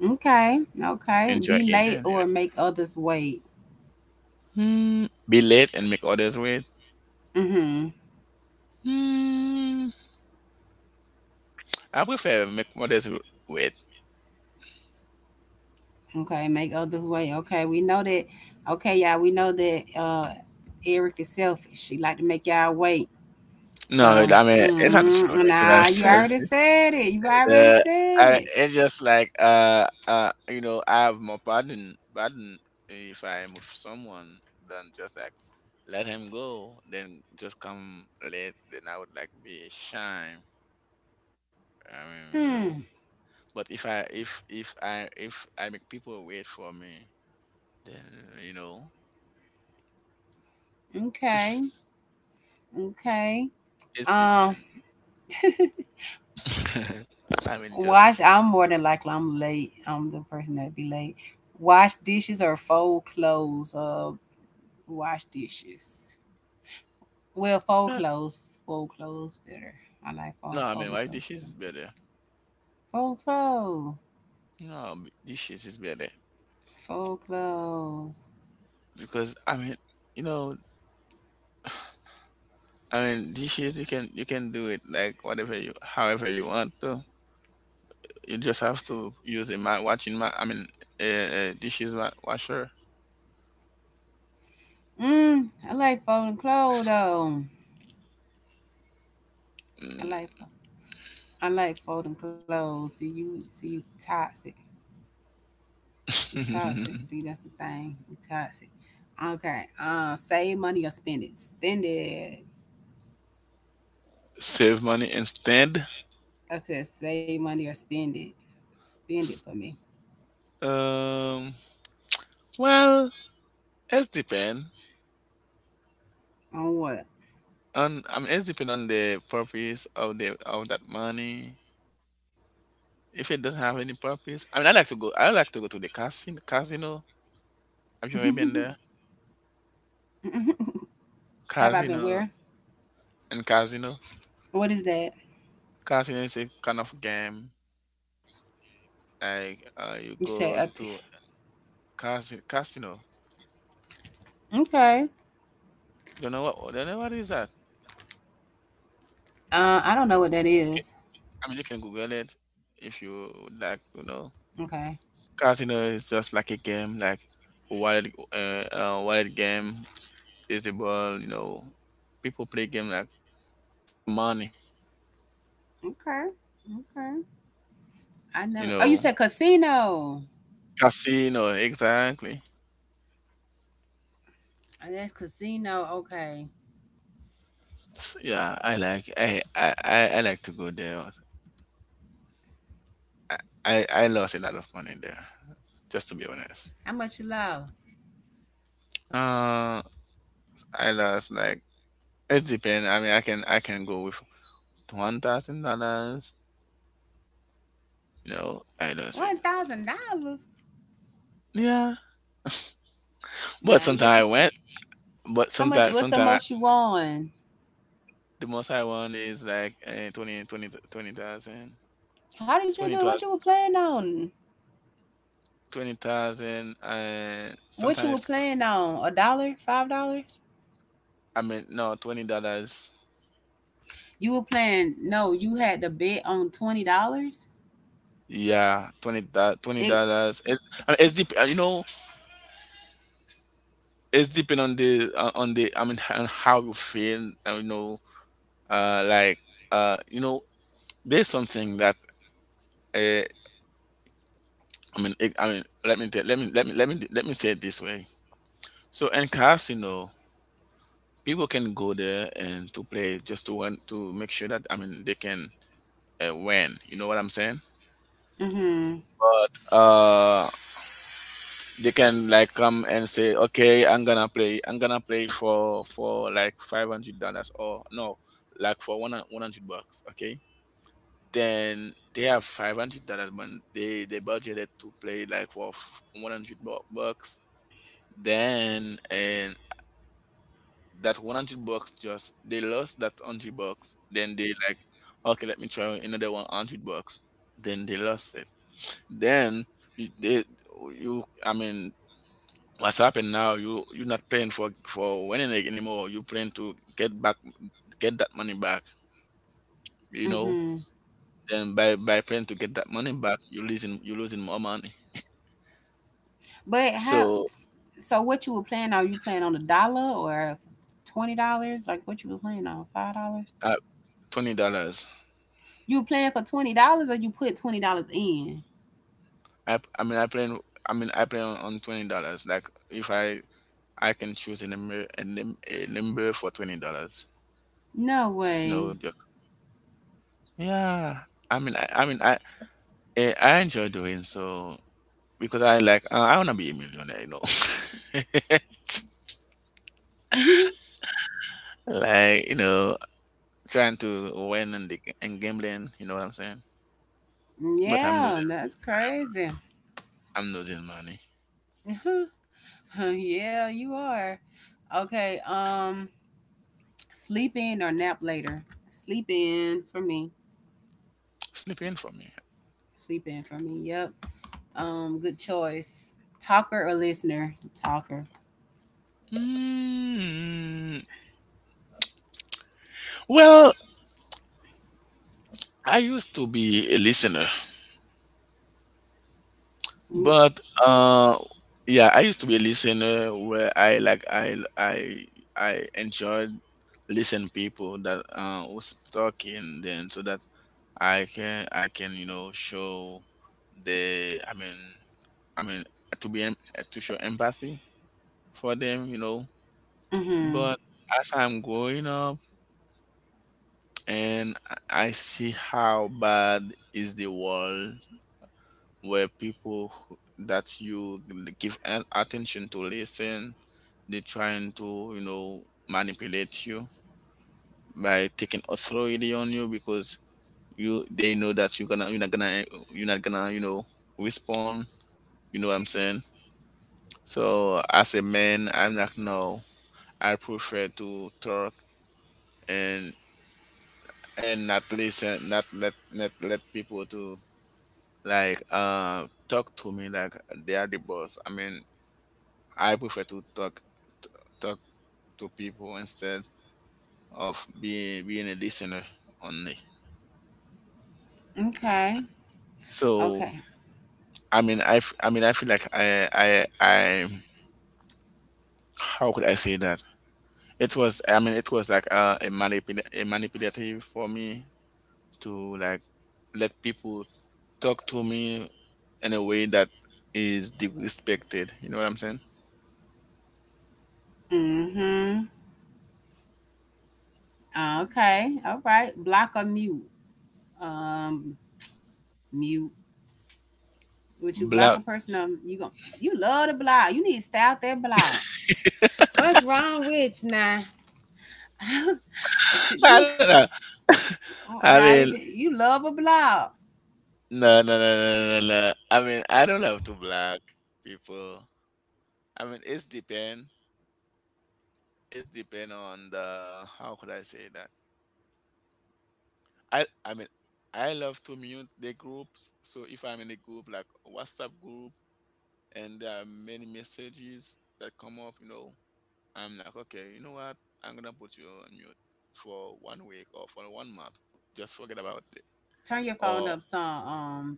[SPEAKER 1] Okay. Okay.
[SPEAKER 2] enjoy
[SPEAKER 1] Be
[SPEAKER 2] eating.
[SPEAKER 1] late
[SPEAKER 2] You know.
[SPEAKER 1] or make others wait.
[SPEAKER 2] Hmm, be late and make others wait.
[SPEAKER 1] Mhm.
[SPEAKER 2] Hmm, I prefer make others wait.
[SPEAKER 1] Okay. Make others wait. Okay. We know that. Okay, y'all. We know that. Eric is selfish. She like to make y'all wait.
[SPEAKER 2] No,
[SPEAKER 1] So,
[SPEAKER 2] I mean it's not true because I
[SPEAKER 1] nah, you
[SPEAKER 2] self.
[SPEAKER 1] already said it. You already
[SPEAKER 2] Uh,
[SPEAKER 1] said it.
[SPEAKER 2] it's just like you know I have more pardon if I am with someone than just like let him go then just come late then I would like be shame, I mean, you
[SPEAKER 1] Hmm.
[SPEAKER 2] know, but if I if I make people wait for me then you know
[SPEAKER 1] Okay. Okay.
[SPEAKER 2] it's the
[SPEAKER 1] Um.
[SPEAKER 2] man. I mean just
[SPEAKER 1] Wash. I'm more than likely I'm late. I'm the person that be late. Wash dishes or fold clothes. Wash dishes. Well, fold
[SPEAKER 2] uh,
[SPEAKER 1] clothes. Fold clothes better. I like
[SPEAKER 2] no, I mean
[SPEAKER 1] folding
[SPEAKER 2] why
[SPEAKER 1] clothes
[SPEAKER 2] dishes is
[SPEAKER 1] better.
[SPEAKER 2] better,
[SPEAKER 1] Fold clothes.
[SPEAKER 2] no, dishes is better
[SPEAKER 1] Fold clothes.
[SPEAKER 2] because I mean you know. I mean, dishes you can do it like whatever you however you want to. You just have to use a I mean, a dishes washer.
[SPEAKER 1] I like folding clothes though. I like I like folding clothes. See you toxic. You toxic. See
[SPEAKER 2] Mm.
[SPEAKER 1] that's the thing. You toxic. Okay. Save money or spend it. Spend it.
[SPEAKER 2] Save money instead.
[SPEAKER 1] I said save money or spend it. Spend it for me.
[SPEAKER 2] Um. Well, it's depend
[SPEAKER 1] On what?
[SPEAKER 2] on. I mean, it's depend on the purpose of the of that money. If it doesn't have any purpose, I mean, I like to go. I like to go to the casino. Casino. Have you ever been there?
[SPEAKER 1] Have I been
[SPEAKER 2] Casino
[SPEAKER 1] where?
[SPEAKER 2] and casino.
[SPEAKER 1] What is that?
[SPEAKER 2] Casino is a kind of game.
[SPEAKER 1] You said
[SPEAKER 2] Like,
[SPEAKER 1] up there.
[SPEAKER 2] you go to casino.
[SPEAKER 1] Okay.
[SPEAKER 2] You don't know what, you don't know what is that?
[SPEAKER 1] I don't know what that
[SPEAKER 2] Ca-
[SPEAKER 1] is.
[SPEAKER 2] I mean, you can Google it if you
[SPEAKER 1] Okay.
[SPEAKER 2] would like. You know, casino is just like a game, like wallet, wallet game, disabled. You know, people play game like for money.
[SPEAKER 1] Okay. Okay. I
[SPEAKER 2] You
[SPEAKER 1] never. Oh,
[SPEAKER 2] know,
[SPEAKER 1] you said casino. Oh,
[SPEAKER 2] casino exactly.
[SPEAKER 1] that's casino. Okay.
[SPEAKER 2] Yeah, I like to go there. I lost a lot of money there, just to be honest.
[SPEAKER 1] How much you lost?
[SPEAKER 2] Uh, I lost like. It depends. I mean, I can go with $1,000. You know, I lose it.
[SPEAKER 1] $1,000.
[SPEAKER 2] Yeah, but
[SPEAKER 1] Now look,
[SPEAKER 2] sometimes I went. But
[SPEAKER 1] how much? What's the
[SPEAKER 2] sometimes
[SPEAKER 1] most you won?
[SPEAKER 2] the most I won is like, 20 20 20,000.
[SPEAKER 1] How did you
[SPEAKER 2] twenty
[SPEAKER 1] do?
[SPEAKER 2] thousand,
[SPEAKER 1] What you were playing on?
[SPEAKER 2] 20,000, and
[SPEAKER 1] What you were
[SPEAKER 2] sometimes
[SPEAKER 1] playing on? A dollar? $5?
[SPEAKER 2] I mean no $20.
[SPEAKER 1] You were playing? No, you had to bet on $20.
[SPEAKER 2] Yeah, twenty twenty
[SPEAKER 1] It.
[SPEAKER 2] dollars. It's I mean, it's deep. You know, it's depend on the I mean, on how you feel. You know, like, you know, there's something that. uh. I mean, let me tell, let me let me let me let me say it this way. So in casino, people can go there and to play just to win, to make sure that, I mean, they can, win. You know what I'm saying?
[SPEAKER 1] Mhm.
[SPEAKER 2] But, they can like come and say, "Okay, I'm gonna play, for like $500, or no, like for one hundred bucks." Okay, then they have $500, but they budgeted to play like for $100. Then, and that 100 bucks, just they lost that 100 bucks, then they like, okay, let me try another 100 bucks. Then they lost it. Then you, they you I mean what's happened now, you're not playing for winning it anymore, you playing to get back, get that money back, you know.
[SPEAKER 1] Mhm.
[SPEAKER 2] Then by playing to get that money back, you losing, more money.
[SPEAKER 1] But how?
[SPEAKER 2] So
[SPEAKER 1] So what you were playing on? You playing on a dollar or $20? Like what you were playing on? $5?
[SPEAKER 2] uh, $20.
[SPEAKER 1] You were playing for $20, or you put $20 in?
[SPEAKER 2] i i mean i play I mean I play on, $20. Like if I can choose a number, a number for $20.
[SPEAKER 1] No
[SPEAKER 2] You know,
[SPEAKER 1] way.
[SPEAKER 2] just yeah. I mean, I, I mean, I I enjoy doing so because I like, I wanna be a millionaire. You know, like, you know, trying to win, and gambling. You know what I'm saying? But I'm losing.
[SPEAKER 1] Yeah, that's crazy.
[SPEAKER 2] I'm losing money.
[SPEAKER 1] Yeah, you are. Okay, sleep in or nap later. Sleep in for me.
[SPEAKER 2] Sleep in for me.
[SPEAKER 1] Sleep in for me. Yep. Good choice. Talker or listener? Talker.
[SPEAKER 2] Mm, well, I used to be a listener. But, yeah, I used to be a listener where I like I enjoyed listen people that, was talking then so that I can, you know, show the, I mean to be to show empathy for them, you know.
[SPEAKER 1] Mhm.
[SPEAKER 2] But as I'm growing up and I see how bad is the world where people that you give attention to listen, they're trying to, you know, manipulate you by taking authority on you because you they know that you're not gonna, you know, respond. You know what I'm saying? So as a man, I'm like, no. I prefer to talk and and not listen, not let people to, like, talk to me like they are the boss. I mean I prefer to talk, t- talk to people instead of being a listener only.
[SPEAKER 1] Okay.
[SPEAKER 2] So
[SPEAKER 1] Okay.
[SPEAKER 2] I mean I feel like, I how could I say that? It was I mean it was like a manipulative for me to, like, let people talk to me in a way that is disrespected. You know what I'm saying?
[SPEAKER 1] Mhm. Okay. All right. Block or mute? Um Mute. Would you block a
[SPEAKER 2] Black.
[SPEAKER 1] person or you go, you love to block. You need to stay out there block. What's wrong with you now?
[SPEAKER 2] I
[SPEAKER 1] You.
[SPEAKER 2] don't know.
[SPEAKER 1] Oh,
[SPEAKER 2] I
[SPEAKER 1] now
[SPEAKER 2] mean,
[SPEAKER 1] you love a blob.
[SPEAKER 2] no, no, no, no, no, no. I mean, I don't have to block people. I mean, it's depend. It's depend on the, how could I say that? I mean, I love to mute the groups. So if I'm in a group like WhatsApp group and there are many messages that come up, I'm like, okay, you know what? I'm gonna put you on mute for one week or for one month. Just forget about it.
[SPEAKER 1] Turn your phone
[SPEAKER 2] Or
[SPEAKER 1] up some.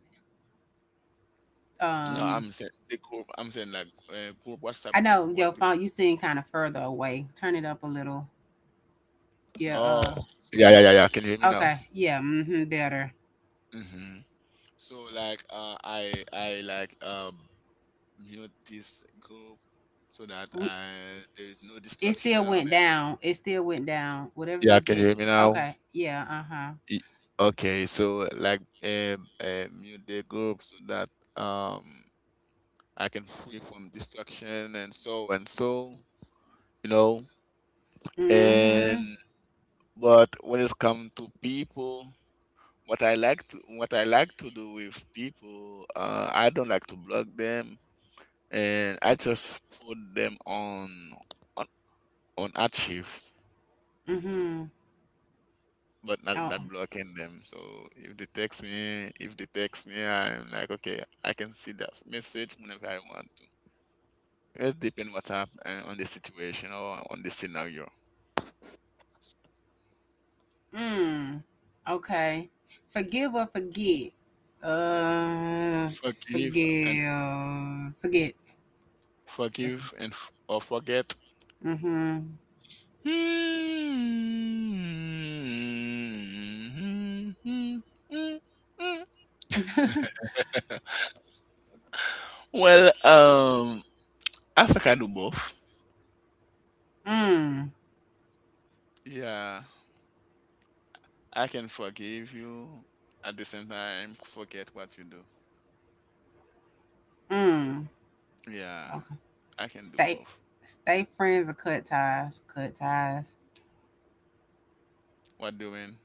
[SPEAKER 2] no, I'm
[SPEAKER 1] um,
[SPEAKER 2] saying the group. I'm saying like group WhatsApp
[SPEAKER 1] I
[SPEAKER 2] group
[SPEAKER 1] know
[SPEAKER 2] where...
[SPEAKER 1] your phone. You seem kind of further away. Turn it up a little. Yeah.
[SPEAKER 2] Oh, yeah, yeah, yeah, yeah. Can you hear me now?
[SPEAKER 1] Okay. Yeah. Mm-hmm. Better.
[SPEAKER 2] Hmm. So like, I like mute this group so that
[SPEAKER 1] We,
[SPEAKER 2] there is no
[SPEAKER 1] it
[SPEAKER 2] distraction
[SPEAKER 1] still
[SPEAKER 2] on
[SPEAKER 1] went
[SPEAKER 2] it.
[SPEAKER 1] down. It still went down. Whatever
[SPEAKER 2] Yeah,
[SPEAKER 1] you
[SPEAKER 2] can
[SPEAKER 1] did.
[SPEAKER 2] you hear me now?
[SPEAKER 1] Okay. Yeah. Uh huh.
[SPEAKER 2] Y- Okay, so like mute the group so that um I can free from distraction and so and so you know
[SPEAKER 1] Mm-hmm.
[SPEAKER 2] and but when it comes to people, what I like to do with people, I don't like to block them, and I just put them on on archive,
[SPEAKER 1] Mm-hmm.
[SPEAKER 2] but
[SPEAKER 1] Oh.
[SPEAKER 2] not blocking them. So if they text me, I'm like, okay, I can see that message whenever I want to. It depends what's up, on the situation or on the scenario.
[SPEAKER 1] Mm. Okay. Forgive or forget. Uh.
[SPEAKER 2] Forgive and
[SPEAKER 1] Forgive. Forget. For,
[SPEAKER 2] Forgive and or forget.
[SPEAKER 1] mm-hmm.
[SPEAKER 2] Mm. Well, I think I do both.
[SPEAKER 1] Mm,
[SPEAKER 2] Yeah, I can forgive you, at the same time, forget what you do.
[SPEAKER 1] mm.
[SPEAKER 2] Yeah,
[SPEAKER 1] Okay.
[SPEAKER 2] I can do
[SPEAKER 1] Stay,
[SPEAKER 2] both.
[SPEAKER 1] stay friends or cut ties. Cut ties.
[SPEAKER 2] What doing?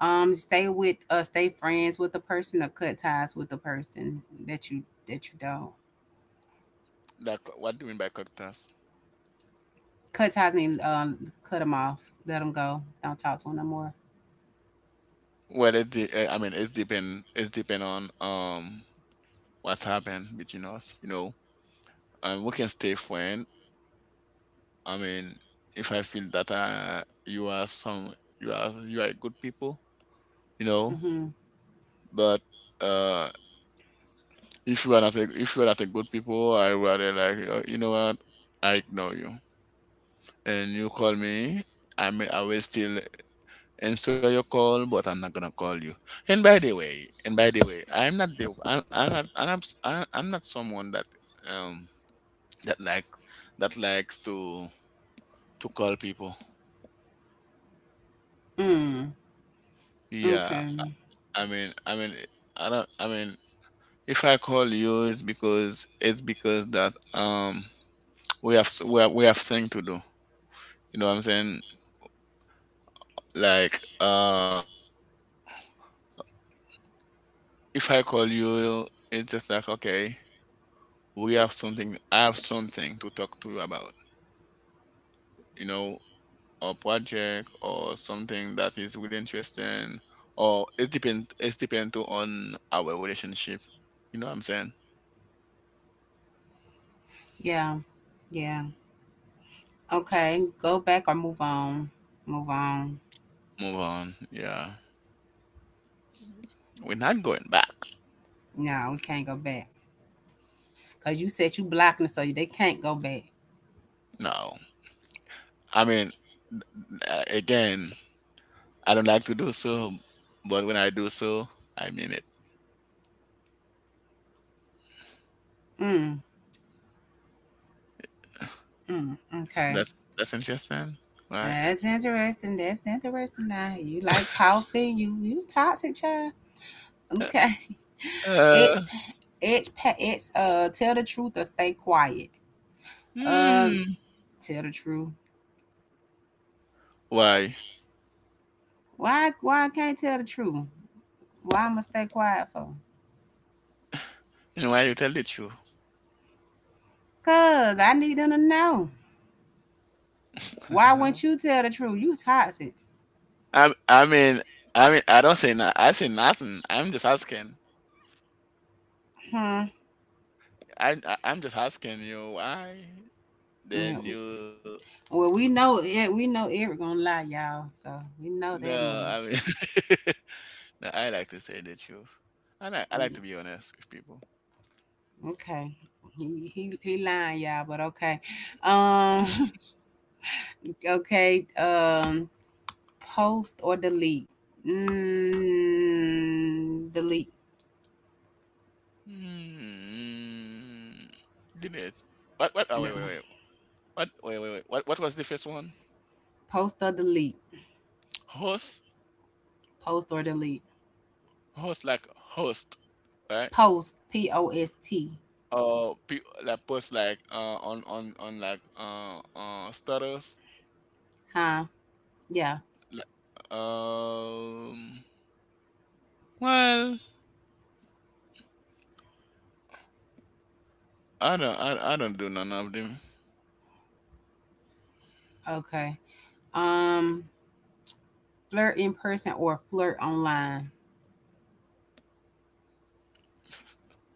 [SPEAKER 1] Stay with, stay friends with the person or cut ties with the person that you that you don't.
[SPEAKER 2] That what doing by cocktails?
[SPEAKER 1] Cut ties mean cut them off, let them go, don't talk to them no more.
[SPEAKER 2] Well, I mean, it's depend. It's depend on what's happened between us. You know, we can stay friend. I mean, if I feel that, you are some, you are good people, you know.
[SPEAKER 1] Mm-hmm.
[SPEAKER 2] But uh, if you are not a good people, I rather like, you know what, I ignore you. And you call me, I will still answer your call, but I'm not gonna call you. And by the way, I'm not, I'm not someone that, um that like that likes to call people.
[SPEAKER 1] Mm.
[SPEAKER 2] Yeah,
[SPEAKER 1] Okay.
[SPEAKER 2] I mean, I don't. I mean, if I call you, it's because that, we have thing to do. You know what I'm saying? Like, if I call you, it's just like okay, we have something. I have something to talk to you about. You know, a project or something that is really interesting, or it depends. It depends too on our relationship. You know what I'm saying?
[SPEAKER 1] Yeah. Yeah. Okay. Go back or move on. Move on.
[SPEAKER 2] Move on. Yeah, we're not going back.
[SPEAKER 1] No, we can't go back. Cause you said you blocking, it, so they can't go back.
[SPEAKER 2] No. I mean, again, I don't like to do so, but when I do so, I mean it.
[SPEAKER 1] Mm. Mm. Okay.
[SPEAKER 2] That's interesting, right?
[SPEAKER 1] That's interesting. That's interesting. Now you like coffee? You toxic child?
[SPEAKER 2] Uh,
[SPEAKER 1] Okay. It's
[SPEAKER 2] uh,
[SPEAKER 1] pa- it's tell the truth or stay quiet. Uh,
[SPEAKER 2] hmm.
[SPEAKER 1] tell the truth.
[SPEAKER 2] Why?
[SPEAKER 1] Why I can't tell the truth? Why I'ma stay quiet for?
[SPEAKER 2] You know why you tell the truth?
[SPEAKER 1] Cause I need them to know. Why wouldn't you tell the truth? You toxic.
[SPEAKER 2] I mean, I don't say no, I say nothing. I'm just asking. S-
[SPEAKER 1] Hmm.
[SPEAKER 2] I'm just asking you why.
[SPEAKER 1] Yeah.
[SPEAKER 2] Then you
[SPEAKER 1] Well, we know it. We know Eric gonna lie, y'all. So we know that
[SPEAKER 2] no. I
[SPEAKER 1] much.
[SPEAKER 2] mean, no. I like to say the truth. I like to be honest with people.
[SPEAKER 1] Okay. He lying, y'all, but okay. Um okay, post or delete. Delete.
[SPEAKER 2] Hmm. Limit. What? What? Oh,
[SPEAKER 1] Okay.
[SPEAKER 2] wait, wait, wait. What? Wait, wait, wait. What? What was the first one?
[SPEAKER 1] Post or delete.
[SPEAKER 2] Host.
[SPEAKER 1] Post or delete.
[SPEAKER 2] Host like host, right?
[SPEAKER 1] Post P O S T.
[SPEAKER 2] Or pe like post, like on like status.
[SPEAKER 1] Huh? Yeah.
[SPEAKER 2] Like, um. well, I don't do none of them.
[SPEAKER 1] Okay. Um Flirt in person or flirt online.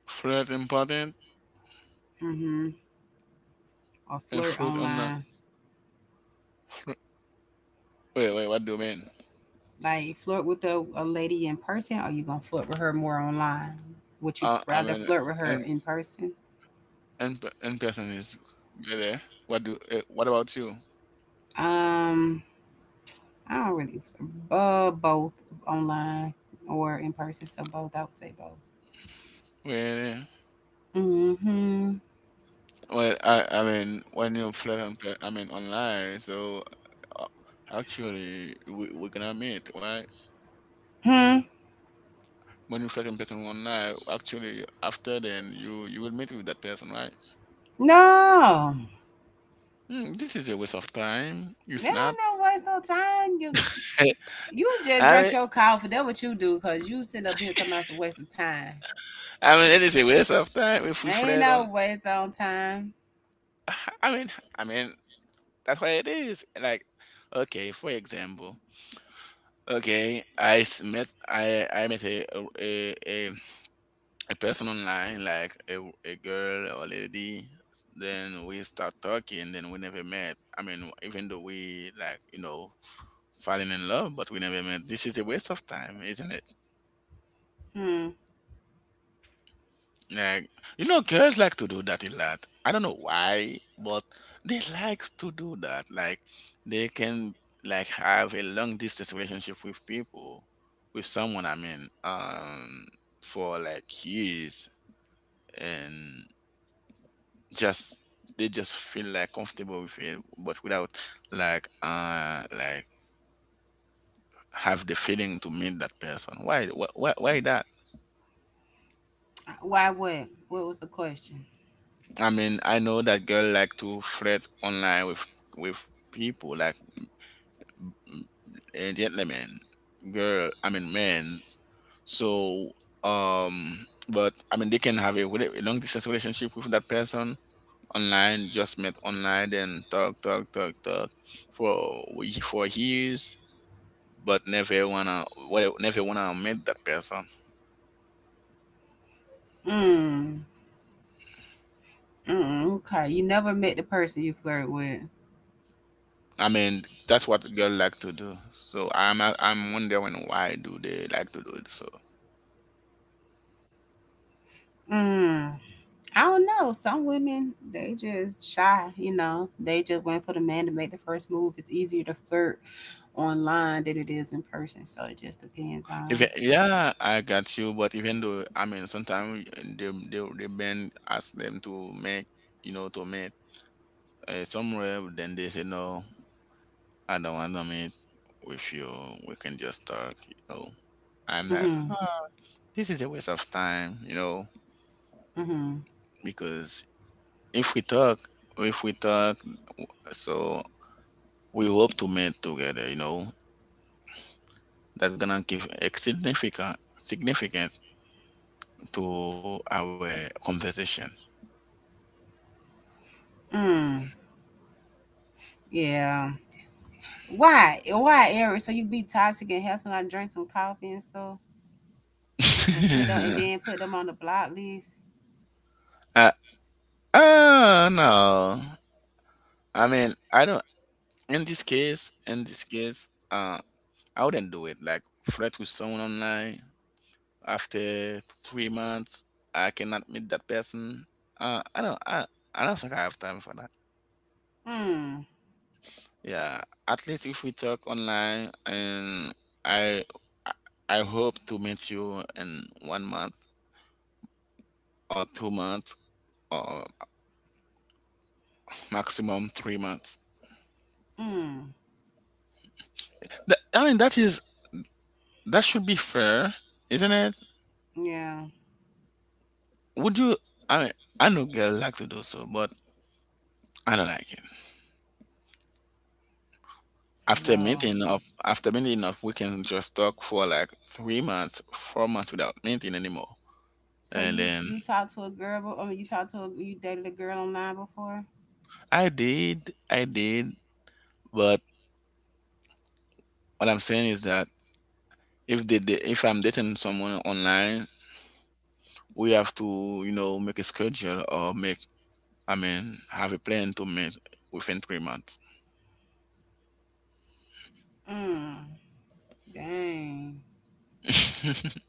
[SPEAKER 2] Fruit important
[SPEAKER 1] Mm-hmm. Or
[SPEAKER 2] and
[SPEAKER 1] flirt
[SPEAKER 2] fruit on the...
[SPEAKER 1] online.
[SPEAKER 2] Fruit. Wait, wait. What do you mean?
[SPEAKER 1] Like flirt with a lady in person, or you gonna flirt with her more online? Would you
[SPEAKER 2] I
[SPEAKER 1] rather
[SPEAKER 2] mean.
[SPEAKER 1] flirt with her
[SPEAKER 2] And.
[SPEAKER 1] in person?
[SPEAKER 2] In person is really... What do? What about you?
[SPEAKER 1] Um, I don't really both online or in person, so both. I would say both.
[SPEAKER 2] Really?
[SPEAKER 1] Mm-hmm.
[SPEAKER 2] Well, I mean, when you flirt on, I mean, online. So, uh, actually, we're gonna meet, right?
[SPEAKER 1] Hmm.
[SPEAKER 2] When you flirt in person online, actually, after then, you will meet with that person, right?
[SPEAKER 1] No,
[SPEAKER 2] This is a waste of time.
[SPEAKER 1] that
[SPEAKER 2] If not...
[SPEAKER 1] ain't no waste of time. You just
[SPEAKER 2] I
[SPEAKER 1] drink
[SPEAKER 2] mean,
[SPEAKER 1] your coffee. That's what you do, cause you sit up here talking about it's a waste of time.
[SPEAKER 2] I mean, it is a waste of time if we
[SPEAKER 1] Ain't
[SPEAKER 2] flirt
[SPEAKER 1] no
[SPEAKER 2] on.
[SPEAKER 1] waste on time.
[SPEAKER 2] I mean, I mean, that's why it is. Like, okay, for example. Okay, I met a a, a person online, like a girl or lady. Then we start talking, then we never met. I mean, even though we like, falling in love, but we never met. This is a waste of time, isn't it?
[SPEAKER 1] Hmm.
[SPEAKER 2] Like, girls like to do that a lot. I don't know why, but they likes to do that. Like, they can like have a long distance relationship with people, with someone. I mean, for like years, and just they just feel like comfortable with it, but without like, like have the feeling to meet that person. Why? Why? Why that?
[SPEAKER 1] Why? What? What was the question?
[SPEAKER 2] I mean, I know that girl like to flirt online with, with people, like and gentlemen, girl, I mean men's. So, but I mean they can have a long distance relationship with that person online, just met online, then talk, talk, talk, talk for for years, but never wanna, well, never wanna meet that person.
[SPEAKER 1] Hmm. Mm, okay, you never met the person you flirt with.
[SPEAKER 2] I mean, that's what girl like to do. So I'm wondering why do they like to do it so?
[SPEAKER 1] Mm, I don't know. Some women they just shy. You know, they just wait for the man to make the first move. It's easier to flirt online than it is in person. So it just depends
[SPEAKER 2] If,
[SPEAKER 1] on.
[SPEAKER 2] yeah, I got you. But even though, I mean, sometimes the band ask them to make, to meet, somewhere. Then they say, no, I don't want to meet with you. We can just talk. You know, I'm like,
[SPEAKER 1] Mm-hmm.
[SPEAKER 2] ah, this is a waste of time.
[SPEAKER 1] Mm-hmm.
[SPEAKER 2] Because if we talk, if we talk, so we hope to meet together. You know, that's gonna give a significant to our conversation.
[SPEAKER 1] Mm. Yeah. Why? Why, Eric? So you be toxic and have somebody drink some coffee and stuff, and put them, and then put them on the block list.
[SPEAKER 2] I, no. I mean, I don't. In this case, I wouldn't do it. Like flirt with someone online after 3 months, I cannot meet that person. I don't. I don't think I have time for that.
[SPEAKER 1] Mm.
[SPEAKER 2] Yeah. At least if we talk online, and I I I hope to meet you in one month or 2 months or maximum 3 months.
[SPEAKER 1] Mm.
[SPEAKER 2] That, I mean, that should be fair, isn't it?
[SPEAKER 1] Yeah.
[SPEAKER 2] Would you? I mean, I know girls like to do so, but I don't like it.
[SPEAKER 1] No.
[SPEAKER 2] After meeting up, we can just talk for like 3 months, 4 months without meeting anymore.
[SPEAKER 1] So
[SPEAKER 2] And
[SPEAKER 1] you
[SPEAKER 2] then
[SPEAKER 1] you talked to a girl, you talked to a, you dated a girl online before?
[SPEAKER 2] I did, but what I'm saying is that, if they, da- if I'm dating someone online, we have to, make a schedule or make, I mean, have a plan to meet within 3 months.
[SPEAKER 1] Mm. Dang.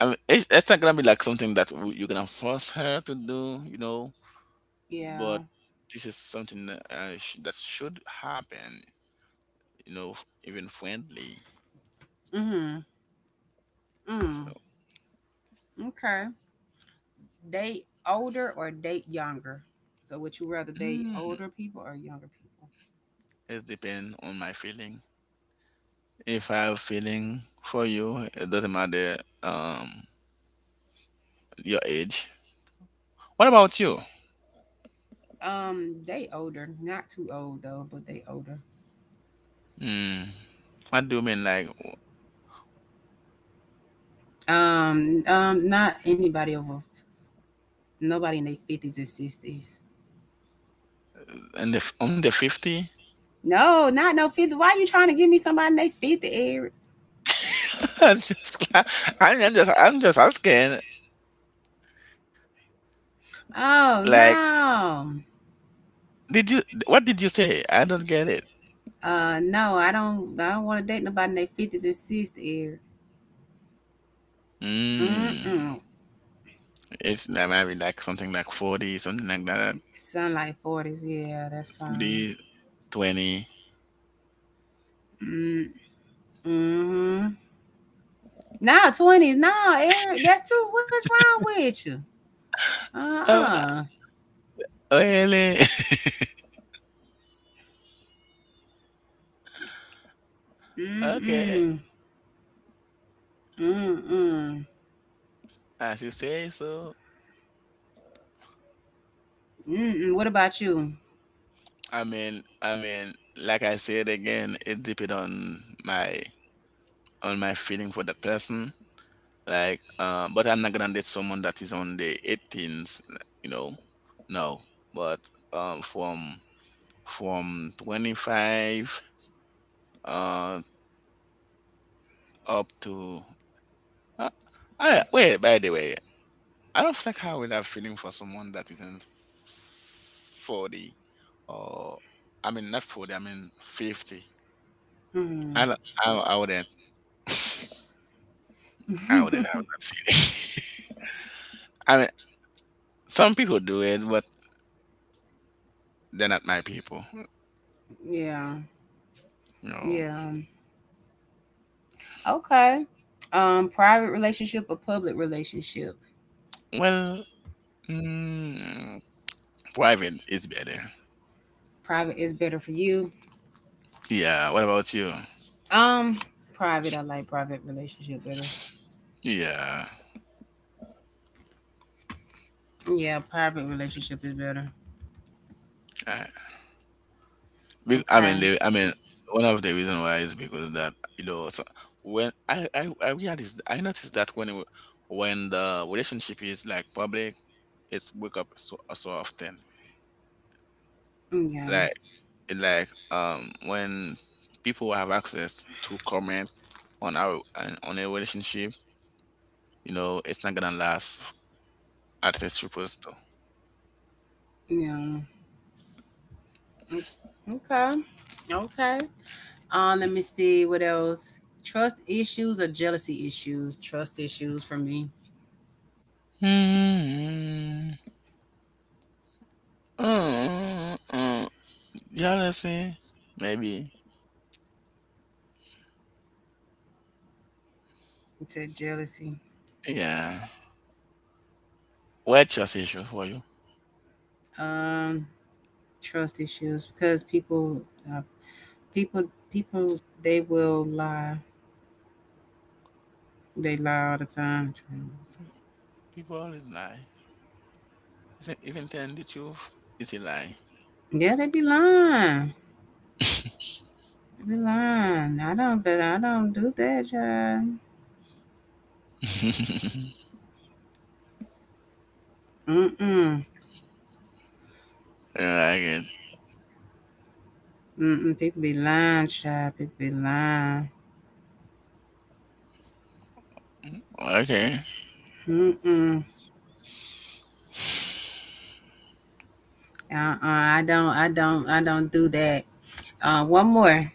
[SPEAKER 2] I mean, it's not gonna be like something that, you're gonna force her to do. But
[SPEAKER 1] Yeah.
[SPEAKER 2] this is something that, that should happen, you know, even friendly,
[SPEAKER 1] Mm.
[SPEAKER 2] so,
[SPEAKER 1] Mm. Okay. Date older or date younger? So would you rather date
[SPEAKER 2] mm,
[SPEAKER 1] older people or younger people?
[SPEAKER 2] it depends on my feeling. If I have feeling for you, it doesn't matter, um your age. What about you?
[SPEAKER 1] Date older. Not too old though, but they older.
[SPEAKER 2] mm, what do you mean, like
[SPEAKER 1] Not anybody nobody in their fifties and sixties.
[SPEAKER 2] in the on the 50?
[SPEAKER 1] No, not no 50. Why you trying to give me somebody in their 50, Eric?
[SPEAKER 2] i'm just I'm just asking. Like,
[SPEAKER 1] Oh no.
[SPEAKER 2] did you what did you say? I don't get it.
[SPEAKER 1] No, I don't want to date nobody in their fifties and sixties. Year. Mm
[SPEAKER 2] Mm,
[SPEAKER 1] mm.
[SPEAKER 2] it's like maybe like something like 40, something like that.
[SPEAKER 1] Sunlight forties. Yeah, that's fine.
[SPEAKER 2] 40.
[SPEAKER 1] Mm mm. Nah, twenties. Nah, Eric, that's too. What's wrong with you? Uh
[SPEAKER 2] Oh,
[SPEAKER 1] uh.
[SPEAKER 2] really?
[SPEAKER 1] Mm
[SPEAKER 2] Okay,
[SPEAKER 1] mm. Mm mm.
[SPEAKER 2] as you say so.
[SPEAKER 1] Mm mm. What about you?
[SPEAKER 2] I mean, like I said again, it depends on my feeling for that person. Like, but I'm not gonna date someone that is on the 18s, you know. No, but from 25, uh up to, uh, wait. By the way, I don't think I would have feeling for someone that isn't 40, or I mean not 40, I mean 50.
[SPEAKER 1] Mm.
[SPEAKER 2] I don't, I wouldn't... I wouldn't have that feeling. I mean, some people do it, but they're not my people.
[SPEAKER 1] yeah.
[SPEAKER 2] You know.
[SPEAKER 1] Yeah. Okay. Private relationship or public relationship?
[SPEAKER 2] Well, mm, private is better.
[SPEAKER 1] Private is better for you.
[SPEAKER 2] Yeah, what about you?
[SPEAKER 1] Um, private. I like private relationship better.
[SPEAKER 2] Yeah.
[SPEAKER 1] Yeah, private relationship is better. Okay.
[SPEAKER 2] I mean, one of the reason why is because that, you know, so when I noticed that when when the relationship is like public, it's break up so so often.
[SPEAKER 1] Yeah.
[SPEAKER 2] Like, when people have access to comment on our on a relationship, you know, it's not gonna last as it's supposed to.
[SPEAKER 1] Yeah. Mm, okay. Okay. Let me see what else. Trust issues or jealousy issues? Trust issues for me.
[SPEAKER 2] Mm, mm, mm. Jealousy, maybe.
[SPEAKER 1] It's a jealousy.
[SPEAKER 2] Yeah. What's your issue for you?
[SPEAKER 1] Um, trust issues because uh, people, people, they will lie. They lie all the time.
[SPEAKER 2] People always lie. Even telling the truth is a lie.
[SPEAKER 1] Yeah, they be lying. You're lying. I don't do that, child. Mm-mm.
[SPEAKER 2] I like it.
[SPEAKER 1] Mm-mm. People be lying, child. People be lying.
[SPEAKER 2] Okay.
[SPEAKER 1] Mm-mm. Uh-uh. I don't do that. One more.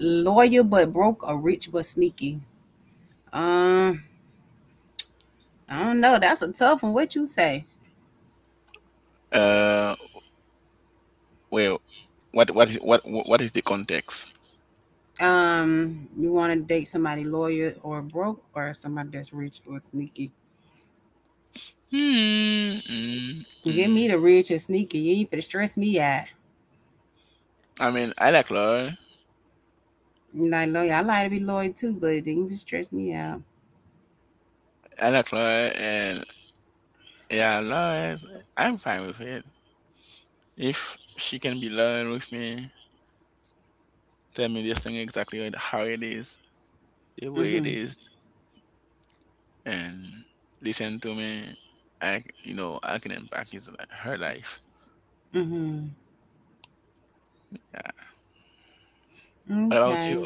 [SPEAKER 1] Loyal but broke or rich but sneaky. Um, I don't know. That's a tough one. What you say?
[SPEAKER 2] Uh, well, what is the context?
[SPEAKER 1] You want to date somebody loyal or broke or somebody that's rich or sneaky?
[SPEAKER 2] Hmm. Mm,
[SPEAKER 1] Give me
[SPEAKER 2] mm.
[SPEAKER 1] the rich and sneaky. You ain't finna stress me out.
[SPEAKER 2] I mean, I like Laura.
[SPEAKER 1] Like loyal, I like to be loyal too, but it didn't even stress me out.
[SPEAKER 2] I like Laura, and yeah, Laura I'm fine with it. If she can be loyal with me, tell me this thing exactly, how it is, the way it
[SPEAKER 1] Mhm.
[SPEAKER 2] is, and listen to me. I, c- I can impact her life.
[SPEAKER 1] Mhm.
[SPEAKER 2] Yeah. What about you?
[SPEAKER 1] Okay.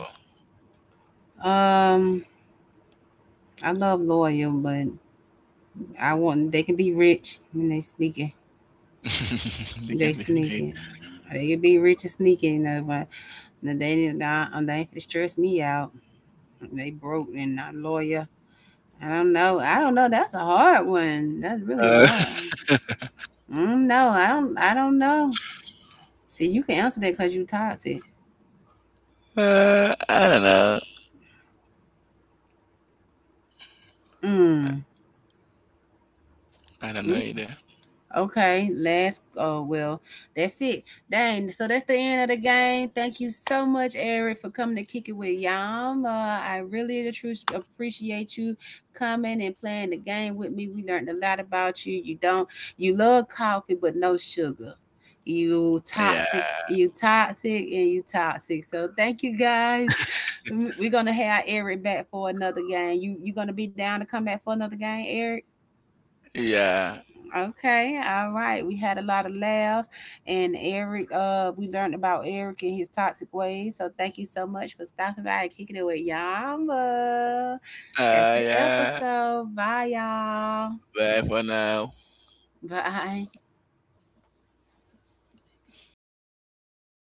[SPEAKER 1] Um, I love loyal, but I want they can be rich and they sneaky.
[SPEAKER 2] They
[SPEAKER 1] They
[SPEAKER 2] can be late.
[SPEAKER 1] sneaky. They can be rich and sneaky, and but they didn't. They ain't gonna stress me out. They broke and not loyal. I don't know. I don't know. That's a hard one. That's really a
[SPEAKER 2] Uh,
[SPEAKER 1] hard one. I don't know. I don't. I don't know. See, you can answer that because you toxic.
[SPEAKER 2] I don't know.
[SPEAKER 1] Mm.
[SPEAKER 2] I don't know either.
[SPEAKER 1] Okay, last. Oh well, that's it. Dang. So that's the end of the game. Thank you so much, Eric, for coming to kick it with Yam. I really the truth appreciate you coming and playing the game with me. We learned a lot about you. You don't. You love coffee, but no sugar. You
[SPEAKER 2] Yeah.
[SPEAKER 1] toxic. You toxic, and you toxic. So thank you guys. We're gonna have Eric back for another game. You gonna be down to come back for another game, Eric?
[SPEAKER 2] Yeah.
[SPEAKER 1] Okay, all right. We had a lot of laughs, and Eric. We learned about Eric and his toxic ways. So thank you so much for stopping by and kicking it with Yama. That's the
[SPEAKER 2] Yeah.
[SPEAKER 1] episode. Bye, y'all.
[SPEAKER 2] Bye for now.
[SPEAKER 1] Bye.